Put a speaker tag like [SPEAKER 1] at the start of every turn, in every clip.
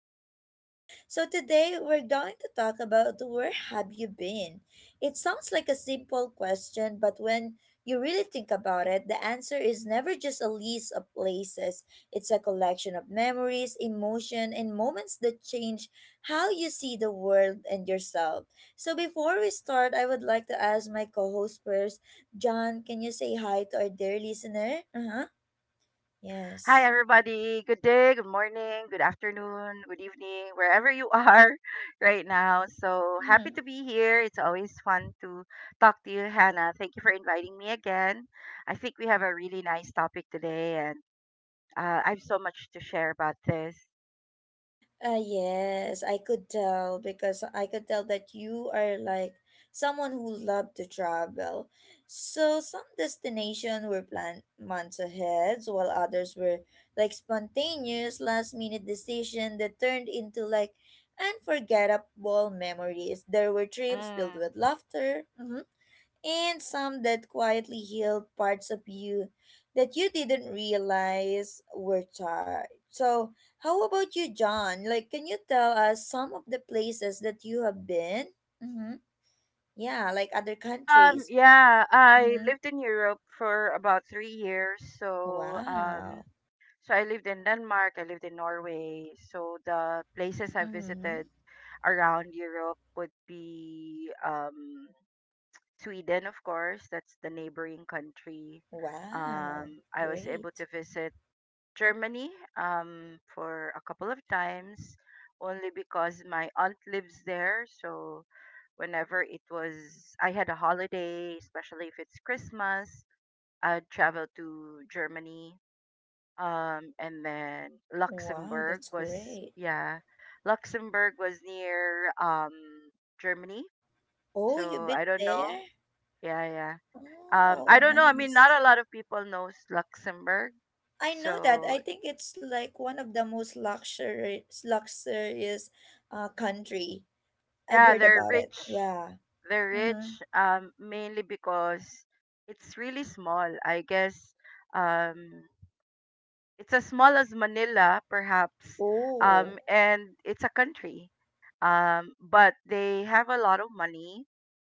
[SPEAKER 1] with John. So today we're going to talk about where have you been? It sounds like a simple question, but when you really think about it, the answer is never just a list of places. It's a collection of memories, emotion, and moments that change how you see the world and yourself. So before we start, I would like to ask my co-host first, John, can you say hi to our dear listener? Uh-huh.
[SPEAKER 2] Hi,
[SPEAKER 1] Yes.
[SPEAKER 2] everybody. Good day, good morning, good afternoon, good evening, wherever you are right now. So happy
[SPEAKER 1] Mm-hmm.
[SPEAKER 2] to be here. It's always fun to talk to you, Hannah. Thank you for inviting me again. I think we have a really nice topic today, and I have so much to share about this.
[SPEAKER 1] Yes, I could tell because I could tell that you are like someone who loved to travel. So some destination were planned months ahead, while others were like spontaneous last minute decision that turned into like unforgettable memories. There were trips filled with
[SPEAKER 2] Mm.
[SPEAKER 1] laughter, and some that quietly healed parts of you that you didn't realize were charred. So, how about you, John? Like, can you tell us some of the places that you have been? Mm-hmm. Yeah, like other countries.
[SPEAKER 2] Yeah, I
[SPEAKER 1] Mm-hmm.
[SPEAKER 2] lived in Europe for about 3 years. So, um,
[SPEAKER 1] Wow.
[SPEAKER 2] so I lived in Denmark, I lived in Norway. So the places I
[SPEAKER 1] Mm-hmm.
[SPEAKER 2] visited around Europe would be Sweden, of course. That's the neighboring country.
[SPEAKER 1] Wow.
[SPEAKER 2] I was able to
[SPEAKER 1] Great.
[SPEAKER 2] visit Germany for a couple of times, only because my aunt lives there. So whenever it was, I had a holiday, especially if it's Christmas, I'd travel to Germany and then
[SPEAKER 1] Wow,
[SPEAKER 2] Luxembourg
[SPEAKER 1] that's
[SPEAKER 2] was
[SPEAKER 1] great.
[SPEAKER 2] yeah. Luxembourg was near Germany,
[SPEAKER 1] Oh, you've
[SPEAKER 2] so
[SPEAKER 1] been
[SPEAKER 2] I don't know.
[SPEAKER 1] there?
[SPEAKER 2] Yeah, yeah. I
[SPEAKER 1] Oh,
[SPEAKER 2] don't know, I mean, not
[SPEAKER 1] nice.
[SPEAKER 2] a lot of people knows Luxembourg,
[SPEAKER 1] I know that.
[SPEAKER 2] so
[SPEAKER 1] I think it's like one of the most luxurious country. I've
[SPEAKER 2] yeah,
[SPEAKER 1] heard
[SPEAKER 2] they're
[SPEAKER 1] about
[SPEAKER 2] rich.
[SPEAKER 1] it. Yeah.
[SPEAKER 2] they're
[SPEAKER 1] Mm-hmm.
[SPEAKER 2] rich mainly because it's really small, I guess. um It's as small as Manila, perhaps,
[SPEAKER 1] Oh.
[SPEAKER 2] and it's a country. But they have a lot of money,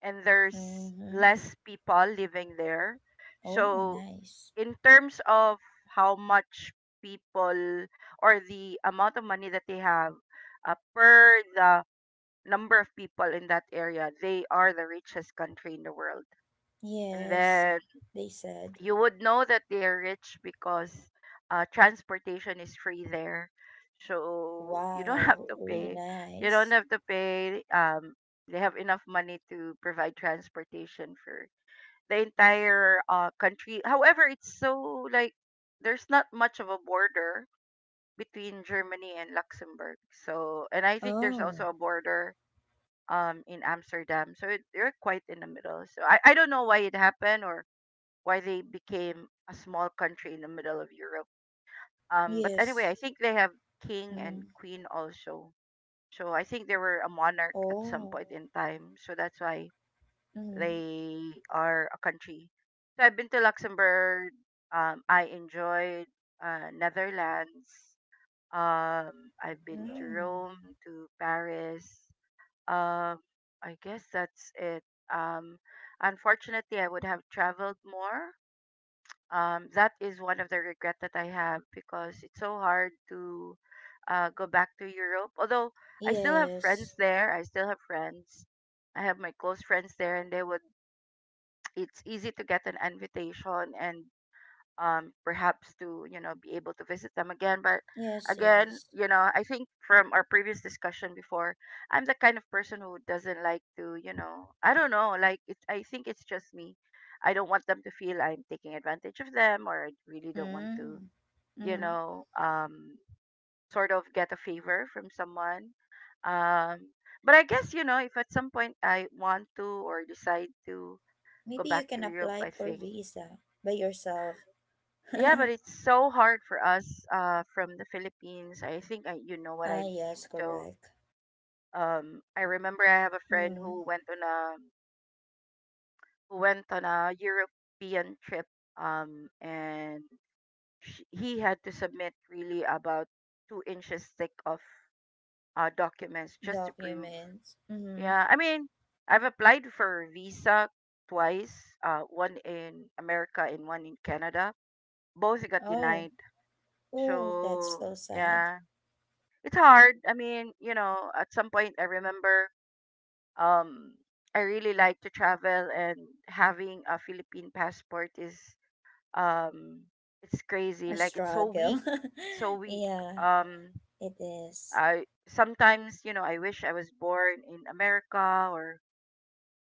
[SPEAKER 2] and there's
[SPEAKER 1] Mm-hmm.
[SPEAKER 2] less people living there.
[SPEAKER 1] Oh,
[SPEAKER 2] So,
[SPEAKER 1] nice.
[SPEAKER 2] in terms of how much people or the amount of money that they have, per the number of people in that area, they are the richest country in the world. And
[SPEAKER 1] Yes.
[SPEAKER 2] then
[SPEAKER 1] They said,
[SPEAKER 2] you would know that they're rich because transportation is free there. So you don't have
[SPEAKER 1] "Wow,
[SPEAKER 2] to
[SPEAKER 1] really
[SPEAKER 2] pay. You don't
[SPEAKER 1] nice."
[SPEAKER 2] have to pay. They have enough money to provide transportation for the entire country. However, it's so like there's not much of a border between Germany and Luxembourg. So, and I think there's also
[SPEAKER 1] Oh,
[SPEAKER 2] a border in Amsterdam. They're quite in the middle. So I don't know why it happened or why they became a small country in the middle of Europe. But anyway, I
[SPEAKER 1] yes.
[SPEAKER 2] think they have king and
[SPEAKER 1] Mm-hmm.
[SPEAKER 2] queen also. So I think they were a monarch at some
[SPEAKER 1] Oh.
[SPEAKER 2] point in time. So that's why
[SPEAKER 1] Mm-hmm.
[SPEAKER 2] they are a country. So I've been to Luxembourg. I enjoyed Netherlands. I've been to
[SPEAKER 1] Mm.
[SPEAKER 2] Rome, to Paris. Um, I guess that's it. Um, Unfortunately, I would have traveled more. That is one of the regret that I have because it's so hard to go back to Europe. Although I still have
[SPEAKER 1] Yes.
[SPEAKER 2] friends there, I still have friends. I have my close friends there, and they would. It's easy to get an invitation, and perhaps to, you know, be able to visit them again. But
[SPEAKER 1] Yes,
[SPEAKER 2] again,
[SPEAKER 1] yes.
[SPEAKER 2] you know, I think from our previous discussion before, I'm the kind of person who doesn't like to, you know, I don't know, like it, I think it's just me. I don't want them to feel I'm taking advantage of them, or I really don't want to,
[SPEAKER 1] Mm.
[SPEAKER 2] you
[SPEAKER 1] Mm-hmm.
[SPEAKER 2] know, sort of get a favor from someone. um but I guess, you know, if at some point I want to or decide to go
[SPEAKER 1] Maybe
[SPEAKER 2] back
[SPEAKER 1] you
[SPEAKER 2] to
[SPEAKER 1] can
[SPEAKER 2] Europe, I
[SPEAKER 1] apply for
[SPEAKER 2] think.
[SPEAKER 1] visa by yourself.
[SPEAKER 2] Yeah, but it's so hard for us from the Philippines. I think I, you know what I
[SPEAKER 1] Ah,
[SPEAKER 2] mean.
[SPEAKER 1] yes,
[SPEAKER 2] So
[SPEAKER 1] correct.
[SPEAKER 2] I remember I have a friend
[SPEAKER 1] Mm,
[SPEAKER 2] who went on a European trip, and sh he had to submit really about 2 inches thick of documents just to prove.
[SPEAKER 1] documents. Mm-hmm.
[SPEAKER 2] Yeah, I mean, I've applied for a visa twice, one in America and one in Canada. Both got
[SPEAKER 1] Oh,
[SPEAKER 2] denied.
[SPEAKER 1] oh, that's
[SPEAKER 2] So
[SPEAKER 1] so sad.
[SPEAKER 2] yeah, it's hard. I mean, you know, at some point I remember, um I really like to travel, and having a Philippine passport is um it's crazy.
[SPEAKER 1] A
[SPEAKER 2] Like, it's so
[SPEAKER 1] struggle.
[SPEAKER 2] weak. So weak.
[SPEAKER 1] Yeah,
[SPEAKER 2] Um
[SPEAKER 1] it is.
[SPEAKER 2] I sometimes, you know, I wish I was born in America, or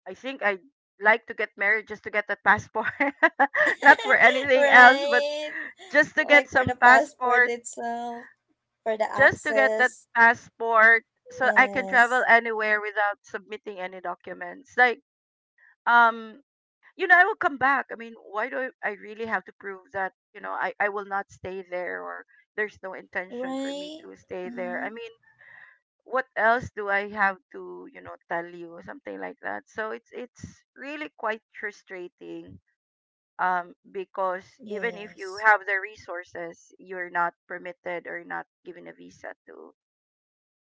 [SPEAKER 2] I think I like to get married just to get that passport. Not for anything else, but
[SPEAKER 1] Right?
[SPEAKER 2] just to get
[SPEAKER 1] Like for
[SPEAKER 2] some
[SPEAKER 1] the passport
[SPEAKER 2] passport
[SPEAKER 1] itself, for the
[SPEAKER 2] just to get that
[SPEAKER 1] access.
[SPEAKER 2] passport so I can travel
[SPEAKER 1] Yes.
[SPEAKER 2] anywhere without submitting any documents. Like, um, you know, I will come back. I mean, why do I really have to prove that, you know, I will not stay there, or there's no intention for me
[SPEAKER 1] Right?
[SPEAKER 2] to stay there?
[SPEAKER 1] Mm-hmm.
[SPEAKER 2] I mean, what else do I have to, you know, tell you or something like that? So it's really quite frustrating. Because even if you
[SPEAKER 1] Yes.
[SPEAKER 2] have the resources, you're not permitted or not given a visa to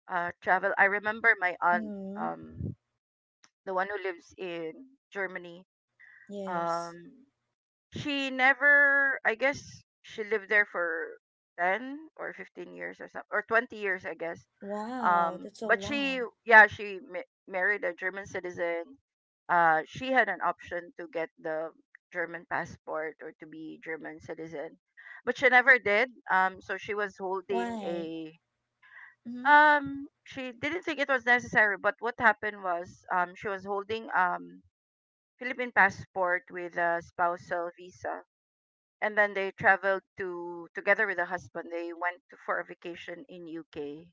[SPEAKER 2] travel. I remember my aunt,
[SPEAKER 1] Mm-hmm.
[SPEAKER 2] um, the one who lives in Germany.
[SPEAKER 1] Yes.
[SPEAKER 2] Um, she never, I guess, she lived there for 10 or 15 years or something, or 20 years, I guess.
[SPEAKER 1] Wow, that's so
[SPEAKER 2] But she,
[SPEAKER 1] long.
[SPEAKER 2] yeah, she married a German citizen. She had an option to get the German passport or to be German citizen, but she never did. So she was holding
[SPEAKER 1] Why?
[SPEAKER 2] a
[SPEAKER 1] Mm-hmm.
[SPEAKER 2] she didn't think it was necessary, but what happened was she was holding Philippine passport with a spousal visa, and then they traveled to together with the husband. They went to, for a vacation in UK.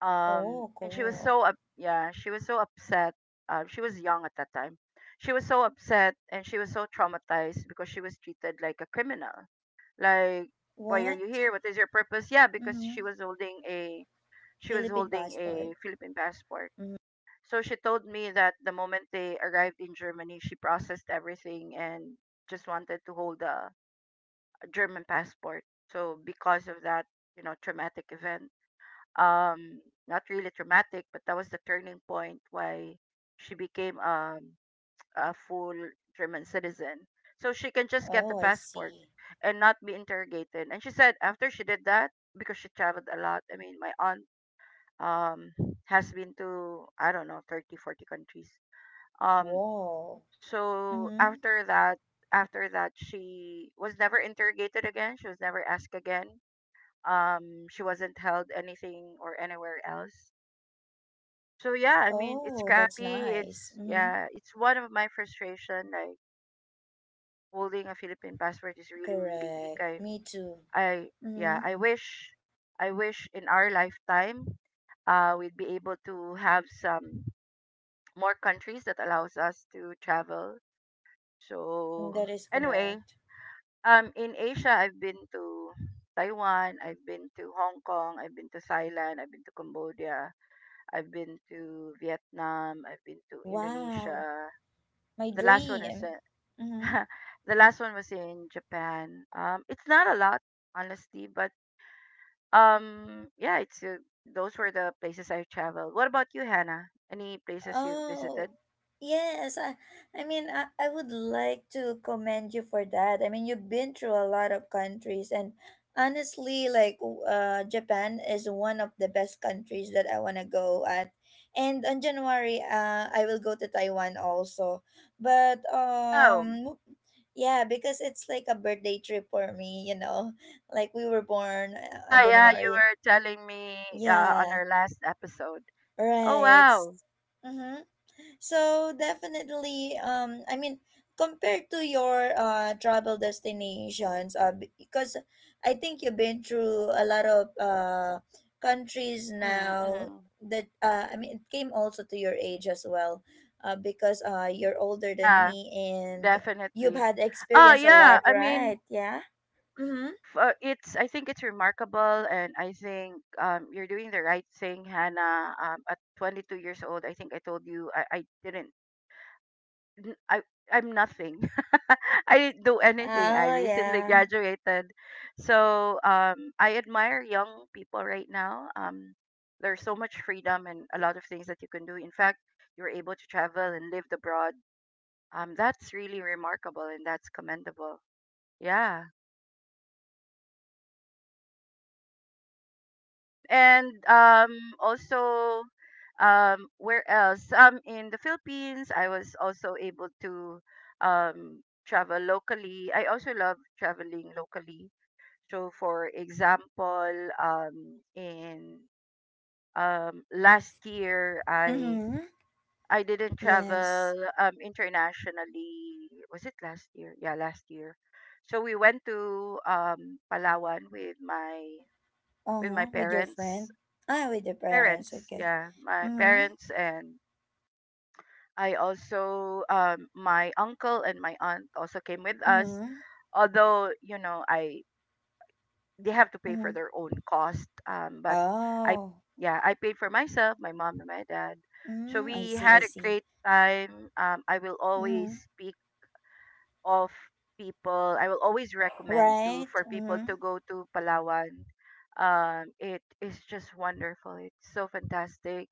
[SPEAKER 1] Oh,
[SPEAKER 2] And she was
[SPEAKER 1] cool.
[SPEAKER 2] so up, yeah, she was so upset. She was young at that time. She was so upset, and she was so traumatized because she was treated like a criminal. Like, why are you
[SPEAKER 1] What?
[SPEAKER 2] here? What is your purpose? Yeah, because she
[SPEAKER 1] Mm-hmm.
[SPEAKER 2] was holding a
[SPEAKER 1] Philippine passport.
[SPEAKER 2] Philippine passport.
[SPEAKER 1] Mhm.
[SPEAKER 2] So she told me that the moment they arrived in Germany, she processed everything and just wanted to hold a German passport. So because of that, you know, traumatic event, um, not really traumatic, but that was the turning point why she became a full German citizen. So she can just get the
[SPEAKER 1] Oh, I
[SPEAKER 2] passport
[SPEAKER 1] see.
[SPEAKER 2] and not be interrogated. And she said after she did that, because she traveled a lot. I mean, my aunt um has been to, I don't know, 30, 40 countries. um
[SPEAKER 1] Whoa.
[SPEAKER 2] so
[SPEAKER 1] Mm-hmm.
[SPEAKER 2] after that, she was never interrogated again, she was never asked again. She wasn't held anything or anywhere else. So yeah, I mean, it's
[SPEAKER 1] Oh, that's
[SPEAKER 2] crappy,
[SPEAKER 1] nice.
[SPEAKER 2] it's,
[SPEAKER 1] Mm-hmm.
[SPEAKER 2] yeah, it's one of my frustration, like holding a Philippine passport is really really weak.
[SPEAKER 1] Correct.
[SPEAKER 2] i
[SPEAKER 1] Me too.
[SPEAKER 2] i
[SPEAKER 1] Mm-hmm.
[SPEAKER 2] yeah I wish, in our lifetime we'd be able to have some more countries that allows us to travel.
[SPEAKER 1] Mm, that
[SPEAKER 2] So
[SPEAKER 1] is
[SPEAKER 2] anyway,
[SPEAKER 1] correct.
[SPEAKER 2] in Asia I've been to Taiwan, I've been to Hong Kong, I've been to Thailand, I've been to Cambodia, I've been to Vietnam, I've been to
[SPEAKER 1] Wow.
[SPEAKER 2] Indonesia.
[SPEAKER 1] My
[SPEAKER 2] The last one is
[SPEAKER 1] dream. Mm-hmm.
[SPEAKER 2] uh, the last one was in Japan. It's not a lot honestly, but yeah, it's those were the places I traveled. What about you, Hannah? Any places you
[SPEAKER 1] Oh,
[SPEAKER 2] visited?
[SPEAKER 1] yes. I would like to commend you for that. I mean, you've been through a lot of countries, and honestly, like, Japan is one of the best countries that I want to go at. And on January, I will go to Taiwan also. But,
[SPEAKER 2] Wow.
[SPEAKER 1] yeah, because it's like a birthday trip for me, you know? Like, we were born
[SPEAKER 2] Ah,
[SPEAKER 1] on
[SPEAKER 2] yeah, you
[SPEAKER 1] January.
[SPEAKER 2] were telling me on
[SPEAKER 1] Yeah,
[SPEAKER 2] our last episode. Oh,
[SPEAKER 1] right.
[SPEAKER 2] wow.
[SPEAKER 1] Mm-hmm. So definitely, I mean, compared to your travel destinations, because I think you've been through a lot of countries now
[SPEAKER 2] Mm-hmm.
[SPEAKER 1] that I mean, it came also to your age as well, because you're older than
[SPEAKER 2] Yeah,
[SPEAKER 1] me and you've
[SPEAKER 2] definitely.
[SPEAKER 1] had
[SPEAKER 2] Oh,
[SPEAKER 1] experience a
[SPEAKER 2] yeah.
[SPEAKER 1] lot,
[SPEAKER 2] I mean,
[SPEAKER 1] right? Yeah. Mm-hmm.
[SPEAKER 2] f- it's. I think it's remarkable, and I think you're doing the right thing, Hannah. At 22 years old, I think I told you I didn't, n- I I'm nothing. I didn't do anything. I
[SPEAKER 1] Oh
[SPEAKER 2] recently
[SPEAKER 1] yeah.
[SPEAKER 2] graduated. So I admire young people right now. There's so much freedom and a lot of things that you can do. In fact, you're able to travel and live abroad. That's really remarkable and that's commendable. Yeah. Um, and um, also, where else? In the Philippines, I was also able to travel locally. I also love traveling locally. So, for example, in last year,
[SPEAKER 1] Mm-hmm.
[SPEAKER 2] I didn't travel
[SPEAKER 1] Yes.
[SPEAKER 2] internationally. Was it last year? Yeah, last year. So we went to Palawan with my with my
[SPEAKER 1] Uh-huh. With your friend.
[SPEAKER 2] parents
[SPEAKER 1] Ah, with your parents.
[SPEAKER 2] parents,
[SPEAKER 1] Okay.
[SPEAKER 2] yeah, my
[SPEAKER 1] Mm-hmm.
[SPEAKER 2] parents, and I also, my uncle and my aunt also came with us.
[SPEAKER 1] Mm-hmm.
[SPEAKER 2] Although, you know, I they have to pay for
[SPEAKER 1] Mhm.
[SPEAKER 2] their own cost, but I
[SPEAKER 1] Oh.
[SPEAKER 2] yeah, I paid for myself, my mom and my dad. So
[SPEAKER 1] Mm, I
[SPEAKER 2] we
[SPEAKER 1] see, I
[SPEAKER 2] had a
[SPEAKER 1] see.
[SPEAKER 2] great time. I will
[SPEAKER 1] Mhm.
[SPEAKER 2] always be of people, I will always recommend to
[SPEAKER 1] Right?
[SPEAKER 2] for people
[SPEAKER 1] Mhm.
[SPEAKER 2] to go to Palawan. It is just wonderful. It's so fantastic.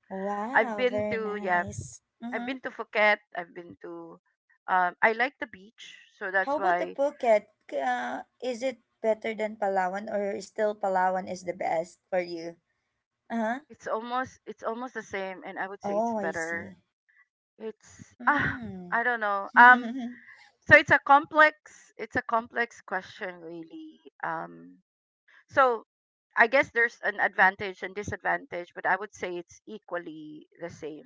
[SPEAKER 2] I've
[SPEAKER 1] Wow,
[SPEAKER 2] been
[SPEAKER 1] very
[SPEAKER 2] to, yeah,
[SPEAKER 1] nice.
[SPEAKER 2] I've
[SPEAKER 1] Mhm.
[SPEAKER 2] been to Phuket. I've been to. I like the beach, so that's
[SPEAKER 1] How about the
[SPEAKER 2] why
[SPEAKER 1] Phuket? Is it better than Palawan or still Palawan is the best for you? Uh-huh.
[SPEAKER 2] it's almost the same, and I would say it's
[SPEAKER 1] Oh, I
[SPEAKER 2] better.
[SPEAKER 1] see.
[SPEAKER 2] It's ah,
[SPEAKER 1] Mm.
[SPEAKER 2] I don't know. So it's a complex question really. So I guess there's an advantage and disadvantage, but I would say it's equally the same.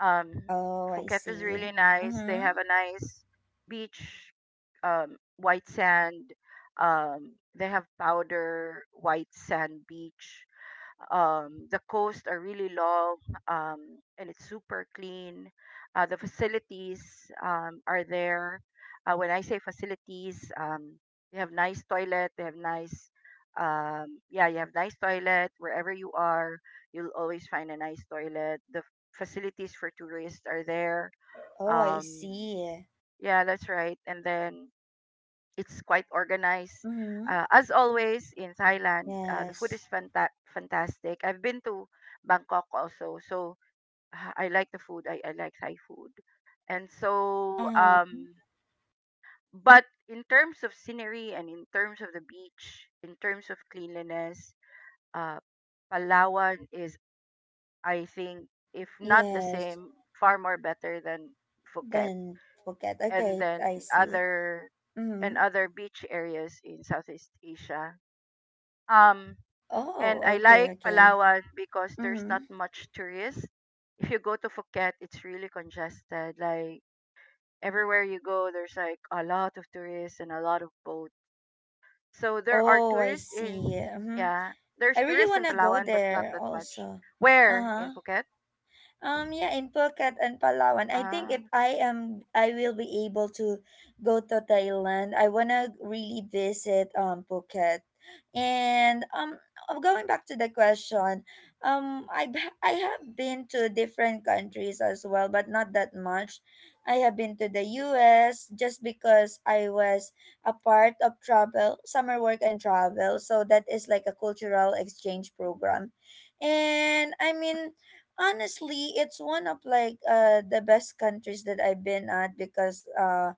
[SPEAKER 2] Um,
[SPEAKER 1] Oh, I
[SPEAKER 2] Phuket is
[SPEAKER 1] see.
[SPEAKER 2] really nice. They
[SPEAKER 1] Mm-hmm.
[SPEAKER 2] have a nice beach, white sand. They have powder white sand beach, the coast are really long, um, and it's super clean. The facilities are there. When I say facilities, they have nice toilet. They have nice, yeah, you have nice toilet wherever you are. You'll always find a nice toilet. The facilities for tourists are there.
[SPEAKER 1] Oh, I
[SPEAKER 2] Um,
[SPEAKER 1] see.
[SPEAKER 2] yeah, that's right. And then it's quite organized.
[SPEAKER 1] Mm-hmm.
[SPEAKER 2] As always, in Thailand, the food
[SPEAKER 1] Yes.
[SPEAKER 2] is fantastic. I've been to Bangkok also, so I like the food. I like Thai food. And so,
[SPEAKER 1] Uh-huh.
[SPEAKER 2] but in terms of scenery and in terms of the beach, in terms of cleanliness, uh, Palawan is, I think, if not the
[SPEAKER 1] Yes.
[SPEAKER 2] same, far more better than Phuket.
[SPEAKER 1] Then Phuket.
[SPEAKER 2] And
[SPEAKER 1] Okay,
[SPEAKER 2] then
[SPEAKER 1] I see.
[SPEAKER 2] other
[SPEAKER 1] Mm-hmm.
[SPEAKER 2] other beach areas in Southeast Asia. Um, and
[SPEAKER 1] Oh,
[SPEAKER 2] I
[SPEAKER 1] okay,
[SPEAKER 2] like
[SPEAKER 1] okay.
[SPEAKER 2] Palawan because there's
[SPEAKER 1] Mm-hmm.
[SPEAKER 2] not much tourists. If you go to Phuket, it's really congested. Like everywhere you go, there's like a lot of tourists and a lot of boats. So there are
[SPEAKER 1] Oh, I see. Mm-hmm.
[SPEAKER 2] yeah,
[SPEAKER 1] I
[SPEAKER 2] there's
[SPEAKER 1] really
[SPEAKER 2] tourists
[SPEAKER 1] want
[SPEAKER 2] in
[SPEAKER 1] to go
[SPEAKER 2] Palawan, but not
[SPEAKER 1] there
[SPEAKER 2] that much.
[SPEAKER 1] also.
[SPEAKER 2] Where in
[SPEAKER 1] Uh-huh.
[SPEAKER 2] Phuket?
[SPEAKER 1] Yeah, in Phuket and Palawan, I think
[SPEAKER 2] Uh,
[SPEAKER 1] if I am, I will be able to go to Thailand. I wanna really visit Phuket, and going back to the question, I b- I have been to different countries as well, but not that much. I have been to the U.S. just because I was a part of travel, summer work and travel, so that is like a cultural exchange program, and I
[SPEAKER 2] yep,
[SPEAKER 1] mean honestly it's one of like the best countries that I've been at because uh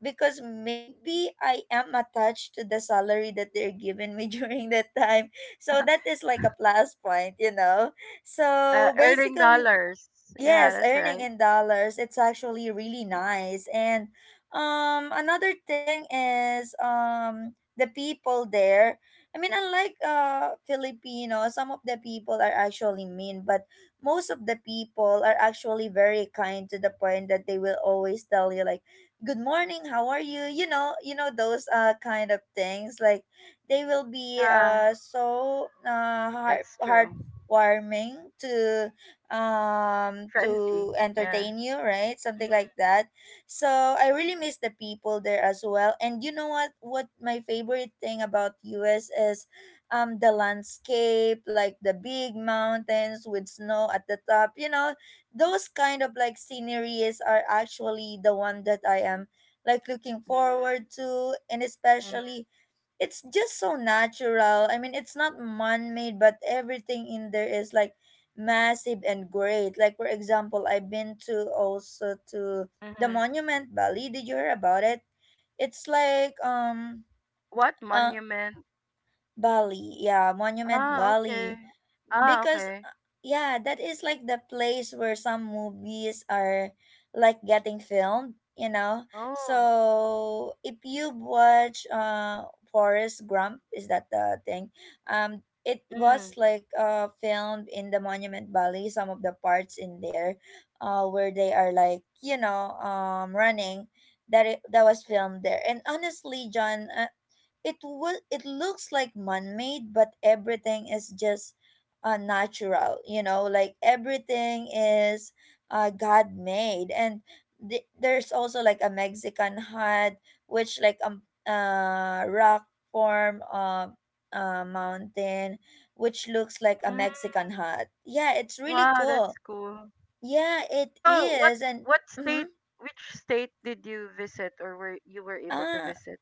[SPEAKER 1] because maybe I am attached to the salary that they're giving me during that time, so that is like a plus point, you know? So
[SPEAKER 2] earning
[SPEAKER 1] basically,
[SPEAKER 2] dollars. Yeah,
[SPEAKER 1] yes,
[SPEAKER 2] that's
[SPEAKER 1] earning
[SPEAKER 2] right.
[SPEAKER 1] in dollars, it's actually really nice. And another thing is the people there. I mean, unlike Filipino, some of the people are actually mean, but most of the people are actually very kind to the point that they will always tell you like, "Good morning, how are you?" You know those kind of things. Like they will be
[SPEAKER 2] Yeah,
[SPEAKER 1] so heart
[SPEAKER 2] that's true.
[SPEAKER 1] heartwarming to
[SPEAKER 2] Friendly. Yeah.
[SPEAKER 1] entertain you, right, something
[SPEAKER 2] Mm,
[SPEAKER 1] like that. So I really miss the people there as well, and you know what, my favorite thing about US is the landscape, like the big mountains with snow at the top, you know, those kind of like sceneries are actually the one that I am like looking
[SPEAKER 2] mm,
[SPEAKER 1] forward to, and
[SPEAKER 2] mm,
[SPEAKER 1] especially it's just so natural. I mean, it's not man made, but everything in there is like massive and great. Like, for example, I've been to also to the
[SPEAKER 2] mhm.
[SPEAKER 1] Monument Bali. Did you hear about it? It's like,
[SPEAKER 2] What
[SPEAKER 1] uh,
[SPEAKER 2] monument?
[SPEAKER 1] Bali. Yeah, Monument
[SPEAKER 2] Ah, okay.
[SPEAKER 1] Valley
[SPEAKER 2] Ah,
[SPEAKER 1] because
[SPEAKER 2] okay.
[SPEAKER 1] yeah, that is like the place where some movies are like getting filmed, you know?
[SPEAKER 2] Oh.
[SPEAKER 1] So if you watch forest grump, is that the thing? It was
[SPEAKER 2] Mm.
[SPEAKER 1] like filmed in the monument valley, some of the parts in there where they are like, you know, running, that that was filmed there. And honestly, John, it looks like man-made, but everything is just natural, you know, like everything is god made. And there's also like a mexican hut which like rock form of mountain which looks like a
[SPEAKER 2] Mm.
[SPEAKER 1] mexican hut. Yeah, it's really
[SPEAKER 2] Wow, that's
[SPEAKER 1] cool.
[SPEAKER 2] cool.
[SPEAKER 1] Yeah, it
[SPEAKER 2] So,
[SPEAKER 1] is. And
[SPEAKER 2] what
[SPEAKER 1] mm-hmm.
[SPEAKER 2] state which state did you visit or were able to
[SPEAKER 1] ah
[SPEAKER 2] visit?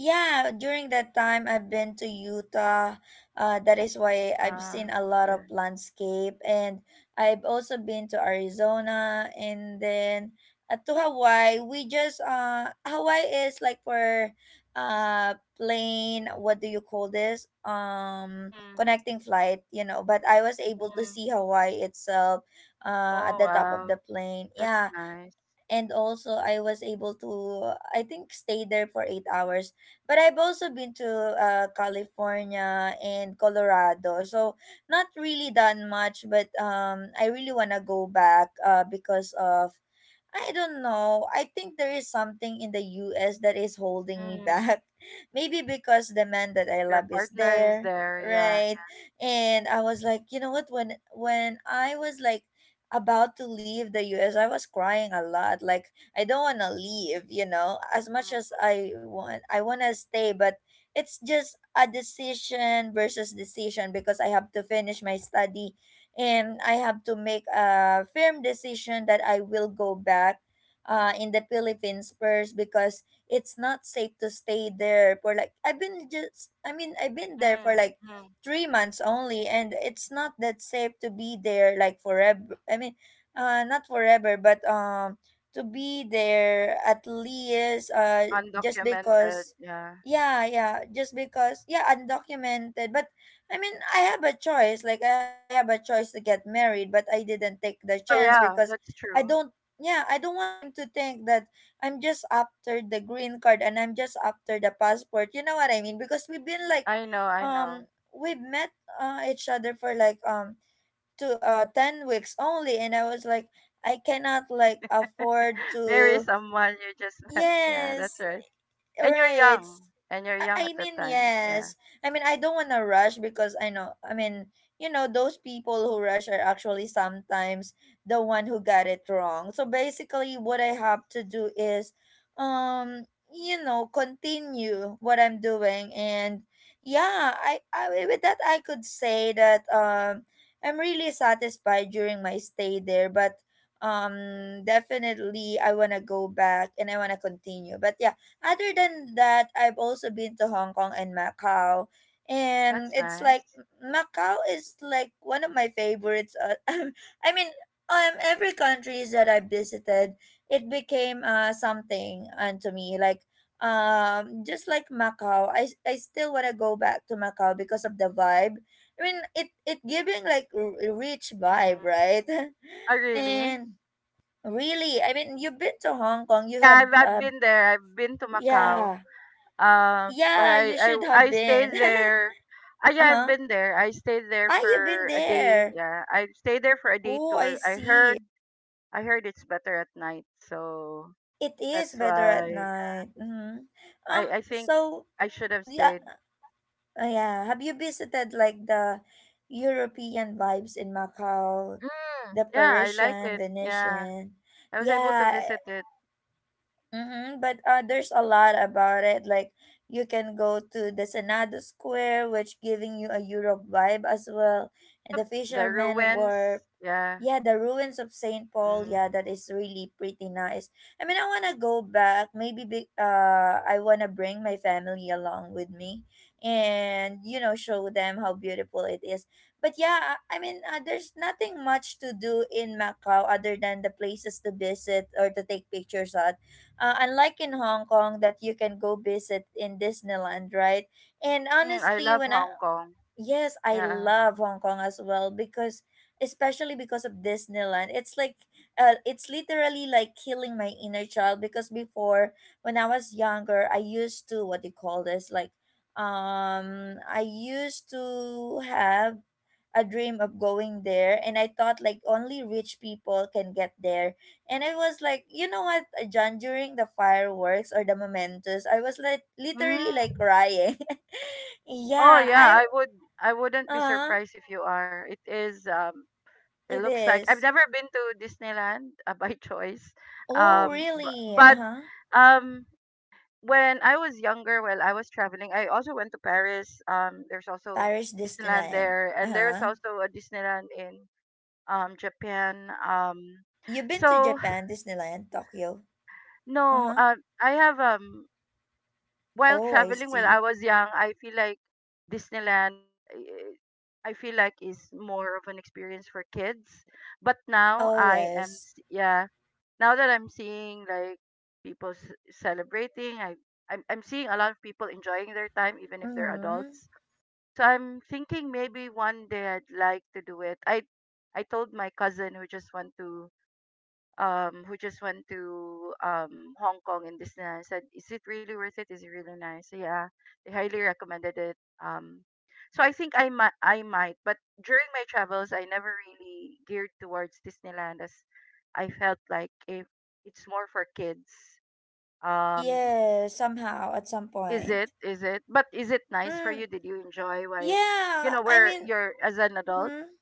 [SPEAKER 1] Yeah, during that time I've been to Utah. That is why I've seen
[SPEAKER 2] Ah,
[SPEAKER 1] a lot of
[SPEAKER 2] okay.
[SPEAKER 1] landscape, and I've also been to Arizona and then to Hawaii. We just Hawaii is like for uh plane. What do you call this?
[SPEAKER 2] Mm.
[SPEAKER 1] Connecting flight. You know, but I was able to
[SPEAKER 2] Mm.
[SPEAKER 1] see Hawaii itself. At
[SPEAKER 2] Oh,
[SPEAKER 1] the top of
[SPEAKER 2] wow.
[SPEAKER 1] the plane.
[SPEAKER 2] That's
[SPEAKER 1] Yeah,
[SPEAKER 2] nice.
[SPEAKER 1] and also I was able to I think stay there for 8 hours. But I've also been to California and Colorado, so not really done much. But I really wanna go back because of I don't know. I think there is something in the US that is holding me
[SPEAKER 2] Mm.
[SPEAKER 1] back. Maybe because the man that I
[SPEAKER 2] Your
[SPEAKER 1] love is
[SPEAKER 2] partner is
[SPEAKER 1] there,
[SPEAKER 2] there, yeah.
[SPEAKER 1] right? And I was like, you know what, when I was like about to leave the US, I was crying a lot. Like I don't want to leave, you know, as much
[SPEAKER 2] Mm.
[SPEAKER 1] as I want. I want to stay, but it's just a decision versus decision because I have to finish my study and I have to make a firm decision that I will go back in the Philippines first because it's not safe to stay there for like I mean I've been there for
[SPEAKER 2] Mm.
[SPEAKER 1] like
[SPEAKER 2] Mm.
[SPEAKER 1] 3 months only, and it's not that safe to be there like forever. I mean not forever, but to be there at least just
[SPEAKER 2] Undocumented,
[SPEAKER 1] because
[SPEAKER 2] yeah.
[SPEAKER 1] yeah, yeah just because yeah, undocumented. But I mean, I have a choice. Like, I have a choice to get married, but I didn't take the
[SPEAKER 2] Oh,
[SPEAKER 1] chance
[SPEAKER 2] yeah,
[SPEAKER 1] because
[SPEAKER 2] that's
[SPEAKER 1] I
[SPEAKER 2] true.
[SPEAKER 1] don't, yeah, I don't want him to think that I'm just after the green card and I'm just after the passport. You know what I mean? Because we've been like,
[SPEAKER 2] I know, I know.
[SPEAKER 1] um, we've met each other for like, to 10 weeks only, and I was like I cannot like afford
[SPEAKER 2] Marry
[SPEAKER 1] to
[SPEAKER 2] someone you just met. Yeah, that's
[SPEAKER 1] yes.
[SPEAKER 2] right.
[SPEAKER 1] Right.
[SPEAKER 2] And you're young at that time. Yeah.
[SPEAKER 1] Yes. I mean, I don't want to rush because I know, I mean, you know, those people who rush are actually sometimes the one who got it wrong. So basically, what I have to do is, um, you know, continue what I'm doing. And yeah, I with that, I could say that I'm really satisfied during my stay there. But definitely, I want to go back and I want to continue. But yeah, other than that, I've also been to Hong Kong and Macau. And
[SPEAKER 2] That's
[SPEAKER 1] it's like
[SPEAKER 2] nice.
[SPEAKER 1] Macau is like one of my favorites. I mean, every countries that I visited, it became something unto me. Like just like Macau, I still wanna go back to Macau because of the vibe. I mean, it giving like rich vibe,
[SPEAKER 2] Mm.
[SPEAKER 1] right?
[SPEAKER 2] Oh, really?
[SPEAKER 1] And really, I mean, you've been to Hong Kong. You
[SPEAKER 2] Yeah,
[SPEAKER 1] have
[SPEAKER 2] I've been there. I've been to Macau.
[SPEAKER 1] yeah,
[SPEAKER 2] Um, but
[SPEAKER 1] yeah,
[SPEAKER 2] I,
[SPEAKER 1] you
[SPEAKER 2] I,
[SPEAKER 1] should have
[SPEAKER 2] I
[SPEAKER 1] been.
[SPEAKER 2] stayed there. Ah, yeah, I've
[SPEAKER 1] Uh-huh.
[SPEAKER 2] been there. I stayed there
[SPEAKER 1] Ah, you've been
[SPEAKER 2] for a day.
[SPEAKER 1] there.
[SPEAKER 2] Yeah, I stayed there for a day
[SPEAKER 1] Oh, I
[SPEAKER 2] tour.
[SPEAKER 1] see.
[SPEAKER 2] I heard it's better at night. So
[SPEAKER 1] It is
[SPEAKER 2] that's
[SPEAKER 1] better at
[SPEAKER 2] why
[SPEAKER 1] night. Mm-hmm. Um,
[SPEAKER 2] I think
[SPEAKER 1] so
[SPEAKER 2] I should have
[SPEAKER 1] yeah,
[SPEAKER 2] stayed.
[SPEAKER 1] yeah. Have you visited like the European vibes in Macau,
[SPEAKER 2] Mm,
[SPEAKER 1] the
[SPEAKER 2] yeah, I like
[SPEAKER 1] Parisian,
[SPEAKER 2] it. Yeah,
[SPEAKER 1] Venetian?
[SPEAKER 2] I was able to
[SPEAKER 1] Yeah,
[SPEAKER 2] visit it.
[SPEAKER 1] mm-hmm, but there's a lot about it. Like you can go to the Senado Square, which giving you a Europe vibe as well. And
[SPEAKER 2] Yep,
[SPEAKER 1] the
[SPEAKER 2] the
[SPEAKER 1] fishermen
[SPEAKER 2] ruins.
[SPEAKER 1] were,
[SPEAKER 2] Yeah.
[SPEAKER 1] yeah, the ruins of Saint Paul. Yeah,
[SPEAKER 2] Mm.
[SPEAKER 1] that is really pretty nice. I mean, I wanna go back. Maybe be, I wanna bring my family along with me, and you know, show them how beautiful it is. But yeah, I mean, there's nothing much to do in Macau other than the places to visit or to take pictures unlike in Hong Kong that you can go visit in Disneyland, right? And
[SPEAKER 2] Mm, I
[SPEAKER 1] honestly,
[SPEAKER 2] love
[SPEAKER 1] when I
[SPEAKER 2] Hong Kong.
[SPEAKER 1] yes, I
[SPEAKER 2] Yeah.
[SPEAKER 1] love Hong Kong as well because especially because of Disneyland. It's like it's literally like killing my inner child because before when I was younger, I used to what do you call this like I used to have a dream of going there, and I thought like only rich people can get there. And I was like, you know what, John, during the fireworks or the mementos, I was like literally like
[SPEAKER 2] Mm.
[SPEAKER 1] crying.
[SPEAKER 2] Oh
[SPEAKER 1] yeah,
[SPEAKER 2] yeah,
[SPEAKER 1] I
[SPEAKER 2] I would I wouldn't be
[SPEAKER 1] uh
[SPEAKER 2] surprised if you are. It is it
[SPEAKER 1] it
[SPEAKER 2] looks like I've
[SPEAKER 1] is.
[SPEAKER 2] never been to Disneyland by choice.
[SPEAKER 1] Oh
[SPEAKER 2] Um but,
[SPEAKER 1] really?
[SPEAKER 2] but
[SPEAKER 1] Uh-huh.
[SPEAKER 2] um when I was younger, while I was traveling, I also went to Paris. There's also
[SPEAKER 1] Paris
[SPEAKER 2] Disneyland
[SPEAKER 1] Disneyland.
[SPEAKER 2] there and there's
[SPEAKER 1] Uh-huh.
[SPEAKER 2] also a Disneyland in Japan.
[SPEAKER 1] You've been to
[SPEAKER 2] So
[SPEAKER 1] Japan Disneyland, Tokyo.
[SPEAKER 2] no,
[SPEAKER 1] Uh-huh.
[SPEAKER 2] I have while
[SPEAKER 1] Oh, I
[SPEAKER 2] traveling when
[SPEAKER 1] see.
[SPEAKER 2] I was young, I feel like Disneyland, eh, I feel like is more of an experience for kids. But now
[SPEAKER 1] Oh yes.
[SPEAKER 2] yeah, now that I'm seeing like people celebrating, I'm seeing a lot of people enjoying their time, even if they're
[SPEAKER 1] Mm-hmm.
[SPEAKER 2] adults. So I'm thinking maybe one day I'd like to do it. I told my cousin who just went to Hong Kong and Disneyland said, is it really worth it? Is it really nice? So, yeah. They highly recommended it. Um so I think I might, but during my travels I never really geared towards Disneyland as I felt like if it's more for kids. Um
[SPEAKER 1] Yeah, somehow at some
[SPEAKER 2] is it?
[SPEAKER 1] point.
[SPEAKER 2] Is it? But is it nice for
[SPEAKER 1] Mm,
[SPEAKER 2] you? Did you enjoy why you
[SPEAKER 1] Yeah,
[SPEAKER 2] know,
[SPEAKER 1] I
[SPEAKER 2] where
[SPEAKER 1] mean,
[SPEAKER 2] you're as an adult?
[SPEAKER 1] mhm.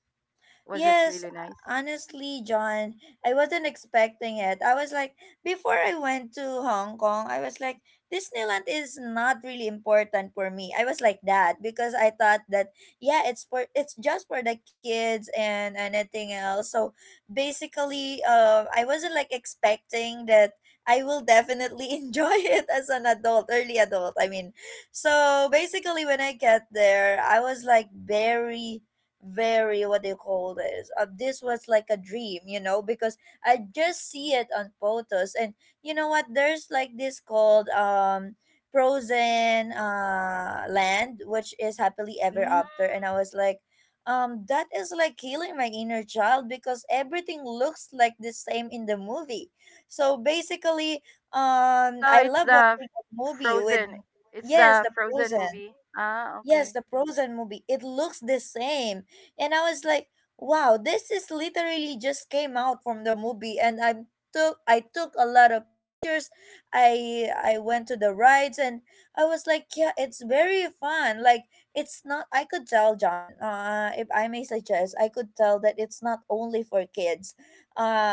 [SPEAKER 2] Was it
[SPEAKER 1] Yes,
[SPEAKER 2] really nice?
[SPEAKER 1] honestly, John, I wasn't expecting it. I was like, before I went to Hong Kong, I was like, Disneyland is not really important for me. I was like that because I thought that yeah, it's just for the kids and anything else. So basically, I wasn't like expecting that I will definitely enjoy it as an adult, early adult. I mean, so basically, when I get there, I was like very very what do you call this, this was like a dream, you know, because I just see it on photos. And you know what, there's like this called Frozen land, which is Happily Ever
[SPEAKER 2] Mm.
[SPEAKER 1] After, and I was like that is like killing my inner child because everything looks like the same in the movie. So basically,
[SPEAKER 2] So
[SPEAKER 1] I
[SPEAKER 2] it's
[SPEAKER 1] love
[SPEAKER 2] the
[SPEAKER 1] watching that movie with
[SPEAKER 2] Frozen. It's
[SPEAKER 1] yes
[SPEAKER 2] the
[SPEAKER 1] the
[SPEAKER 2] Frozen
[SPEAKER 1] Frozen.
[SPEAKER 2] movie. Ah,
[SPEAKER 1] Yes,
[SPEAKER 2] okay.
[SPEAKER 1] the Frozen movie. It looks the same. And I was like, wow, this is literally just came out from the movie, and I took a lot of pictures. I went to the rides and I was like, yeah, it's very fun. Like it's not, I could tell John, if I may suggest, I could tell that it's not only for kids.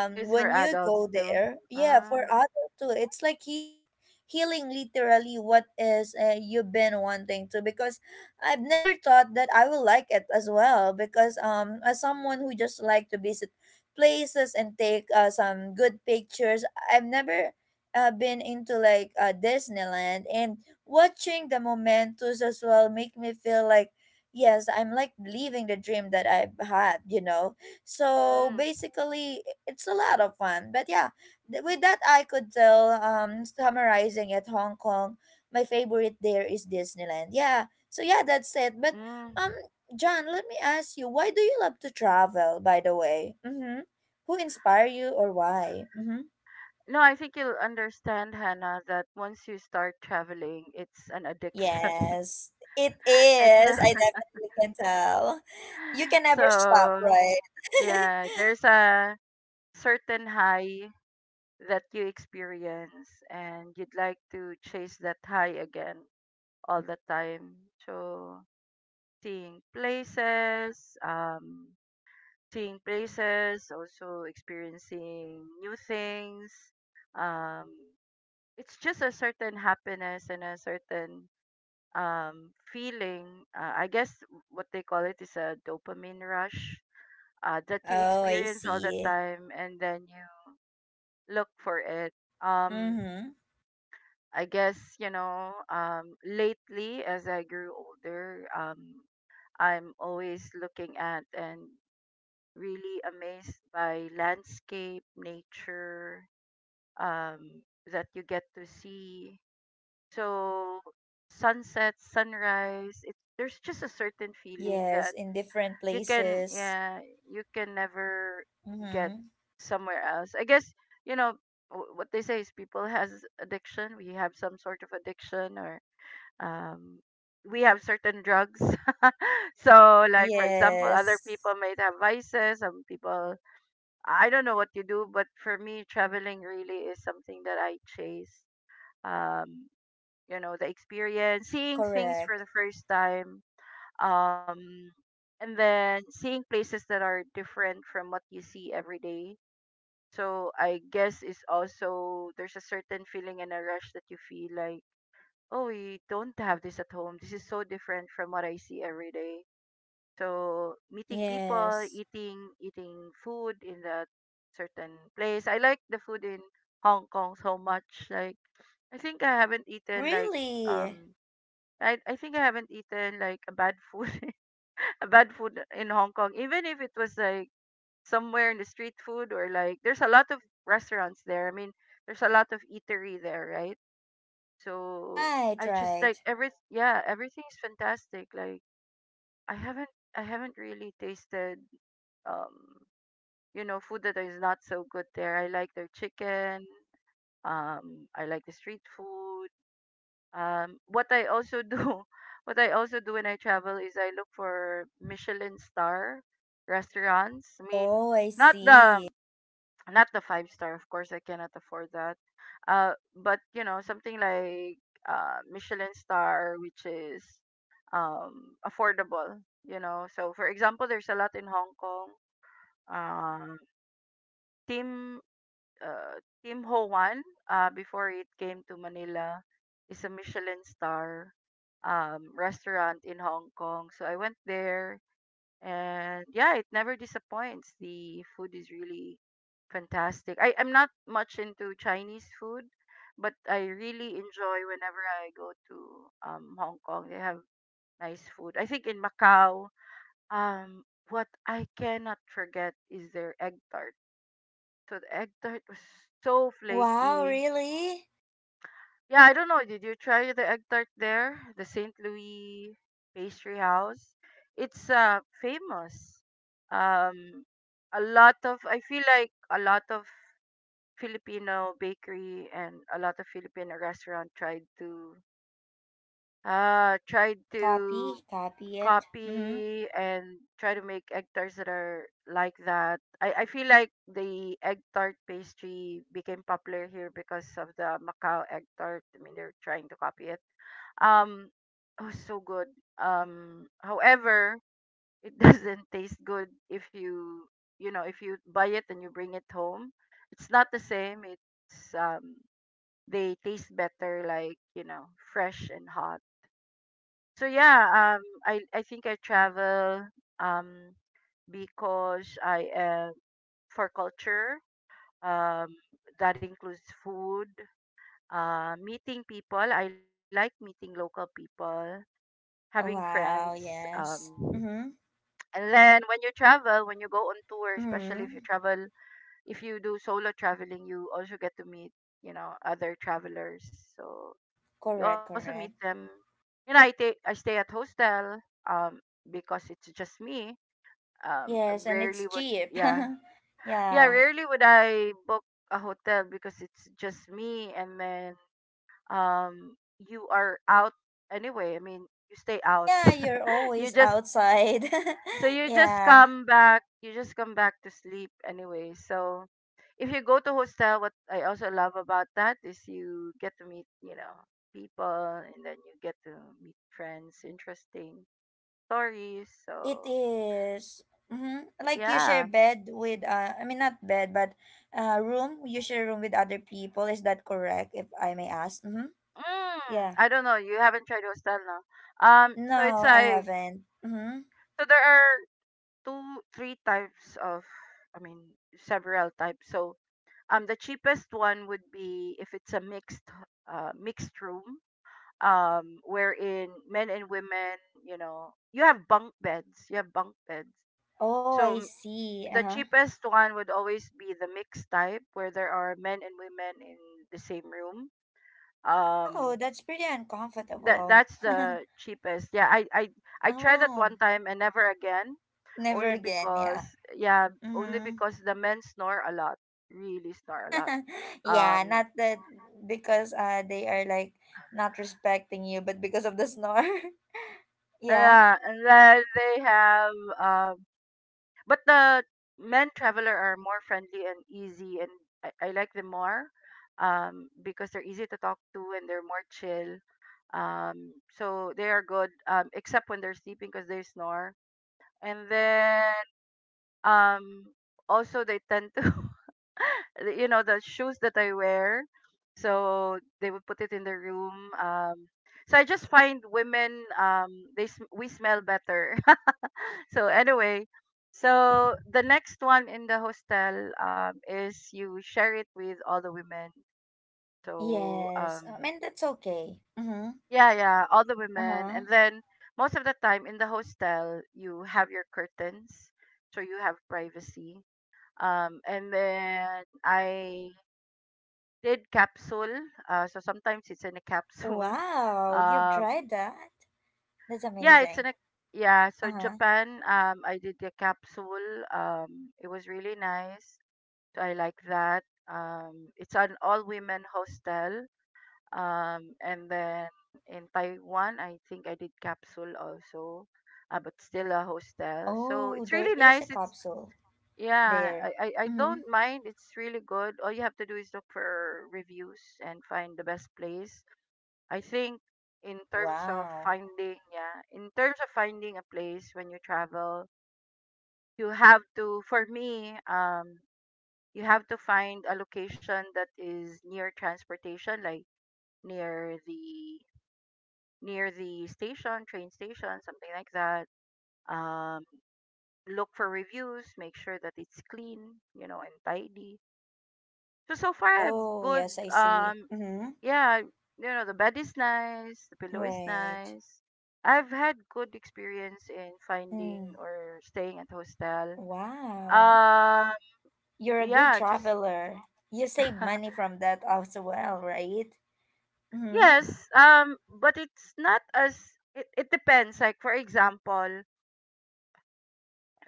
[SPEAKER 2] It is for
[SPEAKER 1] When you go
[SPEAKER 2] adults too.
[SPEAKER 1] there, yeah,
[SPEAKER 2] Ah.
[SPEAKER 1] for adult too. It's like here healing literally what is, you've been wanting to, because I've never thought that I will like it as well, because as someone who just like to visit places and take some good pictures, I've never been into like Disneyland, and watching the mementos as well make me feel like yes, I'm like living the dream that I've had, you know. So
[SPEAKER 2] Mm,
[SPEAKER 1] basically, it's a lot of fun. But yeah, with that I could tell, summarizing at Hong Kong, my favorite there is Disneyland. Yeah, so yeah, that's it. But
[SPEAKER 2] mm.
[SPEAKER 1] um, John, let me ask you, why do you love to travel? By the way, mm-hmm. Who inspire you or why? Mm-hmm.
[SPEAKER 2] No, I think you'll understand, Hannah, that once you start traveling, it's an addiction.
[SPEAKER 1] Yes, it
[SPEAKER 2] it's a,
[SPEAKER 1] is. I definitely can tell. You can never stop,
[SPEAKER 2] so
[SPEAKER 1] right?
[SPEAKER 2] yeah, there's a certain high that you experience, and you'd like to chase that high again all the time. So seeing places, um, seeing places, also experiencing new things. Um, it's just a certain happiness and a certain feeling. I guess what they call it is a dopamine rush that you
[SPEAKER 1] Oh, I
[SPEAKER 2] experience all the
[SPEAKER 1] see.
[SPEAKER 2] time and then you look for it. Um,
[SPEAKER 1] Mm-hmm.
[SPEAKER 2] I guess, you know, lately as I grew older, I'm always looking at and really amazed by landscape, nature, um, that you get to see. So sunset, sunrise, there's just a certain feeling
[SPEAKER 1] Yes,
[SPEAKER 2] that
[SPEAKER 1] in different places.
[SPEAKER 2] yeah, you can never get
[SPEAKER 1] Mm-hmm.
[SPEAKER 2] somewhere else. I guess you know what they say is people has addiction. We have some sort of addiction, or um, we have certain drugs. So, like for example, other people
[SPEAKER 1] Yes,
[SPEAKER 2] might have vices. Some people I don't know what you do, but for me, traveling really is something that I chase. Um, you know, the experience, seeing things for
[SPEAKER 1] correct.
[SPEAKER 2] the first time, um, and then seeing places that are different from what you see every day. So I guess it's also there's a certain feeling and a rush that you feel like, oh, we don't have this at home. This is so different from what I see every day. So meeting people,
[SPEAKER 1] Yes.
[SPEAKER 2] eating food in that certain place. I like the food in Hong Kong so much. Like I think I haven't eaten like
[SPEAKER 1] Really?
[SPEAKER 2] um I think I haven't eaten like a bad food a bad food in Hong Kong. Even if it was like somewhere in the street food or like there's a lot of restaurants there. I mean, there's a lot of eatery there, right? So
[SPEAKER 1] Right,
[SPEAKER 2] I just
[SPEAKER 1] right.
[SPEAKER 2] like every yeah, everything's fantastic. Like I haven't I haven't really tasted um you know food that is not so good there. I like their chicken. I like the street food. What I also do, What I also do when I travel is I look for Michelin star restaurants. I mean,
[SPEAKER 1] Oh, I
[SPEAKER 2] not the
[SPEAKER 1] see.
[SPEAKER 2] not the five star, of course. I cannot afford that but you know, something like Michelin star, which is affordable. You know, so for example, there's a lot in Hong Kong. Um, Tim uh, Team Ho Wan, before it came to Manila, is a Michelin star restaurant in Hong Kong. So I went there and yeah it never disappoints. The food is really fantastic. I'm not much into Chinese food but I really enjoy whenever I go to Hong Kong. They have nice food. I think in Macau um, what I cannot forget is their egg tart. So the egg tart was so
[SPEAKER 1] Wow,
[SPEAKER 2] flaky.
[SPEAKER 1] really?
[SPEAKER 2] Yeah, I don't know. Did you try the egg tart there? The St. Louis Pastry House. It's famous. Um a lot of I feel like a lot of Filipino bakery and a lot of Filipino restaurant tried to uh tried to
[SPEAKER 1] Copy, copy it. Mm-hmm.
[SPEAKER 2] copy and try to make egg tarts that are like that. I feel like the egg tart pastry became popular here because of the Macau egg tart. I mean, they're trying to copy it. Um, oh, so good. However, it doesn't taste good if you know, if you buy it and you bring it home. It's not the same. It's They taste better, like you know, fresh and hot. So yeah, I think I travel um because I am for culture. Um, that includes food, meeting people. I like meeting local people having
[SPEAKER 1] Wow,
[SPEAKER 2] friends.
[SPEAKER 1] yes. Mm-hmm.
[SPEAKER 2] And then when you travel, when you go on tour,
[SPEAKER 1] Mm-hmm.
[SPEAKER 2] especially if you travel, if you do solo traveling, you also get to meet, you know, other travelers. So
[SPEAKER 1] Correct,
[SPEAKER 2] you also
[SPEAKER 1] correct.
[SPEAKER 2] meet them. You know, I stay at hostel um because it's just me. Um,
[SPEAKER 1] Yes, and it's
[SPEAKER 2] rarely would
[SPEAKER 1] cheap.
[SPEAKER 2] yeah yeah
[SPEAKER 1] yeah.
[SPEAKER 2] rarely would I book a hotel because it's just me. And then um you are out anyway. I mean, you stay out.
[SPEAKER 1] Yeah, you're
[SPEAKER 2] you
[SPEAKER 1] always
[SPEAKER 2] just
[SPEAKER 1] outside.
[SPEAKER 2] So you just
[SPEAKER 1] yeah.
[SPEAKER 2] come back, you just come back to sleep anyway. So if you go to hostel, what I also love about that is you get to meet, you know, people and then you get to meet friends, interesting stories.
[SPEAKER 1] It
[SPEAKER 2] So
[SPEAKER 1] is. Mm-hmm. Like you share
[SPEAKER 2] yeah.
[SPEAKER 1] bed with I mean not bed but room. You share room with other people. Is that correct if I may ask? Mm-hmm.
[SPEAKER 2] Mm,
[SPEAKER 1] Yeah.
[SPEAKER 2] I don't know. You haven't tried hostel now. So it's
[SPEAKER 1] No, I
[SPEAKER 2] like
[SPEAKER 1] haven't. Mm-hmm.
[SPEAKER 2] there are three types of, I mean, several types. So the cheapest one would be if it's a mixed room. Wherein men and women you know you have bunk beds you have bunk beds,
[SPEAKER 1] Oh, I
[SPEAKER 2] so
[SPEAKER 1] see.
[SPEAKER 2] the
[SPEAKER 1] Uh-huh.
[SPEAKER 2] cheapest one would always be the mixed type where there are men and women in the same room.
[SPEAKER 1] Oh,
[SPEAKER 2] um
[SPEAKER 1] that's pretty
[SPEAKER 2] that
[SPEAKER 1] uncomfortable.
[SPEAKER 2] that's the cheapest. I tried that
[SPEAKER 1] Oh,
[SPEAKER 2] one time and never again
[SPEAKER 1] never
[SPEAKER 2] only
[SPEAKER 1] again, yeah.
[SPEAKER 2] because yeah only
[SPEAKER 1] Mm-hmm.
[SPEAKER 2] because the men snore a lot, really snore a lot.
[SPEAKER 1] Yeah,
[SPEAKER 2] um
[SPEAKER 1] not that because they are like not respecting you, but because of the snore. yeah.
[SPEAKER 2] yeah and then they have um but the men traveler are more friendly and easy, and I like them more because they're easy to talk to and they're more chill. So they are good, except when they're sleeping because they snore. And then um, also they tend to, you know, the shoes that I wear. So they would put it in the room. So I just find women, they sm- we smell better. So anyway, so the next one in the hostel is you share it with all the women. So
[SPEAKER 1] Yes.
[SPEAKER 2] um
[SPEAKER 1] I mean that's okay. Mm-hmm.
[SPEAKER 2] yeah, yeah, all the women.
[SPEAKER 1] Uh-huh.
[SPEAKER 2] And then most of the time in the hostel you have your curtains, so you have privacy. And then I did capsule. So sometimes it's in a capsule.
[SPEAKER 1] Wow, you've
[SPEAKER 2] Um
[SPEAKER 1] tried that? That's
[SPEAKER 2] yeah, it's
[SPEAKER 1] amazing.
[SPEAKER 2] in a yeah, so
[SPEAKER 1] Uh-huh.
[SPEAKER 2] Japan I did the capsule. It was really nice. So I like that. It's an all women hostel. And then
[SPEAKER 1] Mm-hmm.
[SPEAKER 2] in Taiwan, I think I did capsule also, but still a hostel. So
[SPEAKER 1] Oh,
[SPEAKER 2] it's
[SPEAKER 1] there
[SPEAKER 2] really
[SPEAKER 1] is a
[SPEAKER 2] nice. It's
[SPEAKER 1] capsule
[SPEAKER 2] yeah,
[SPEAKER 1] there.
[SPEAKER 2] I
[SPEAKER 1] Mm-hmm.
[SPEAKER 2] don't mind. It's really good. All you have to do is look for reviews and find the best place. I think in terms of
[SPEAKER 1] Wow.
[SPEAKER 2] finding, yeah, in terms of finding a place when you travel, you have to, for me, you have to find a location that is near transportation, like near the near the station, train station, something like that. Um, look for reviews, make sure that it's clean, and tidy. So so far, I have
[SPEAKER 1] Oh,
[SPEAKER 2] good.
[SPEAKER 1] yes, I see.
[SPEAKER 2] Um,
[SPEAKER 1] Mm-hmm.
[SPEAKER 2] yeah, the bed is nice, the pillow is
[SPEAKER 1] Right.
[SPEAKER 2] nice. I've had good experience in finding
[SPEAKER 1] Mm.
[SPEAKER 2] or staying at hostel.
[SPEAKER 1] Wow,
[SPEAKER 2] Um,
[SPEAKER 1] you're a good
[SPEAKER 2] yeah, just
[SPEAKER 1] traveler. You save money from that as well, right? Mm-hmm.
[SPEAKER 2] Yes, but it's not as it depends. Like for example,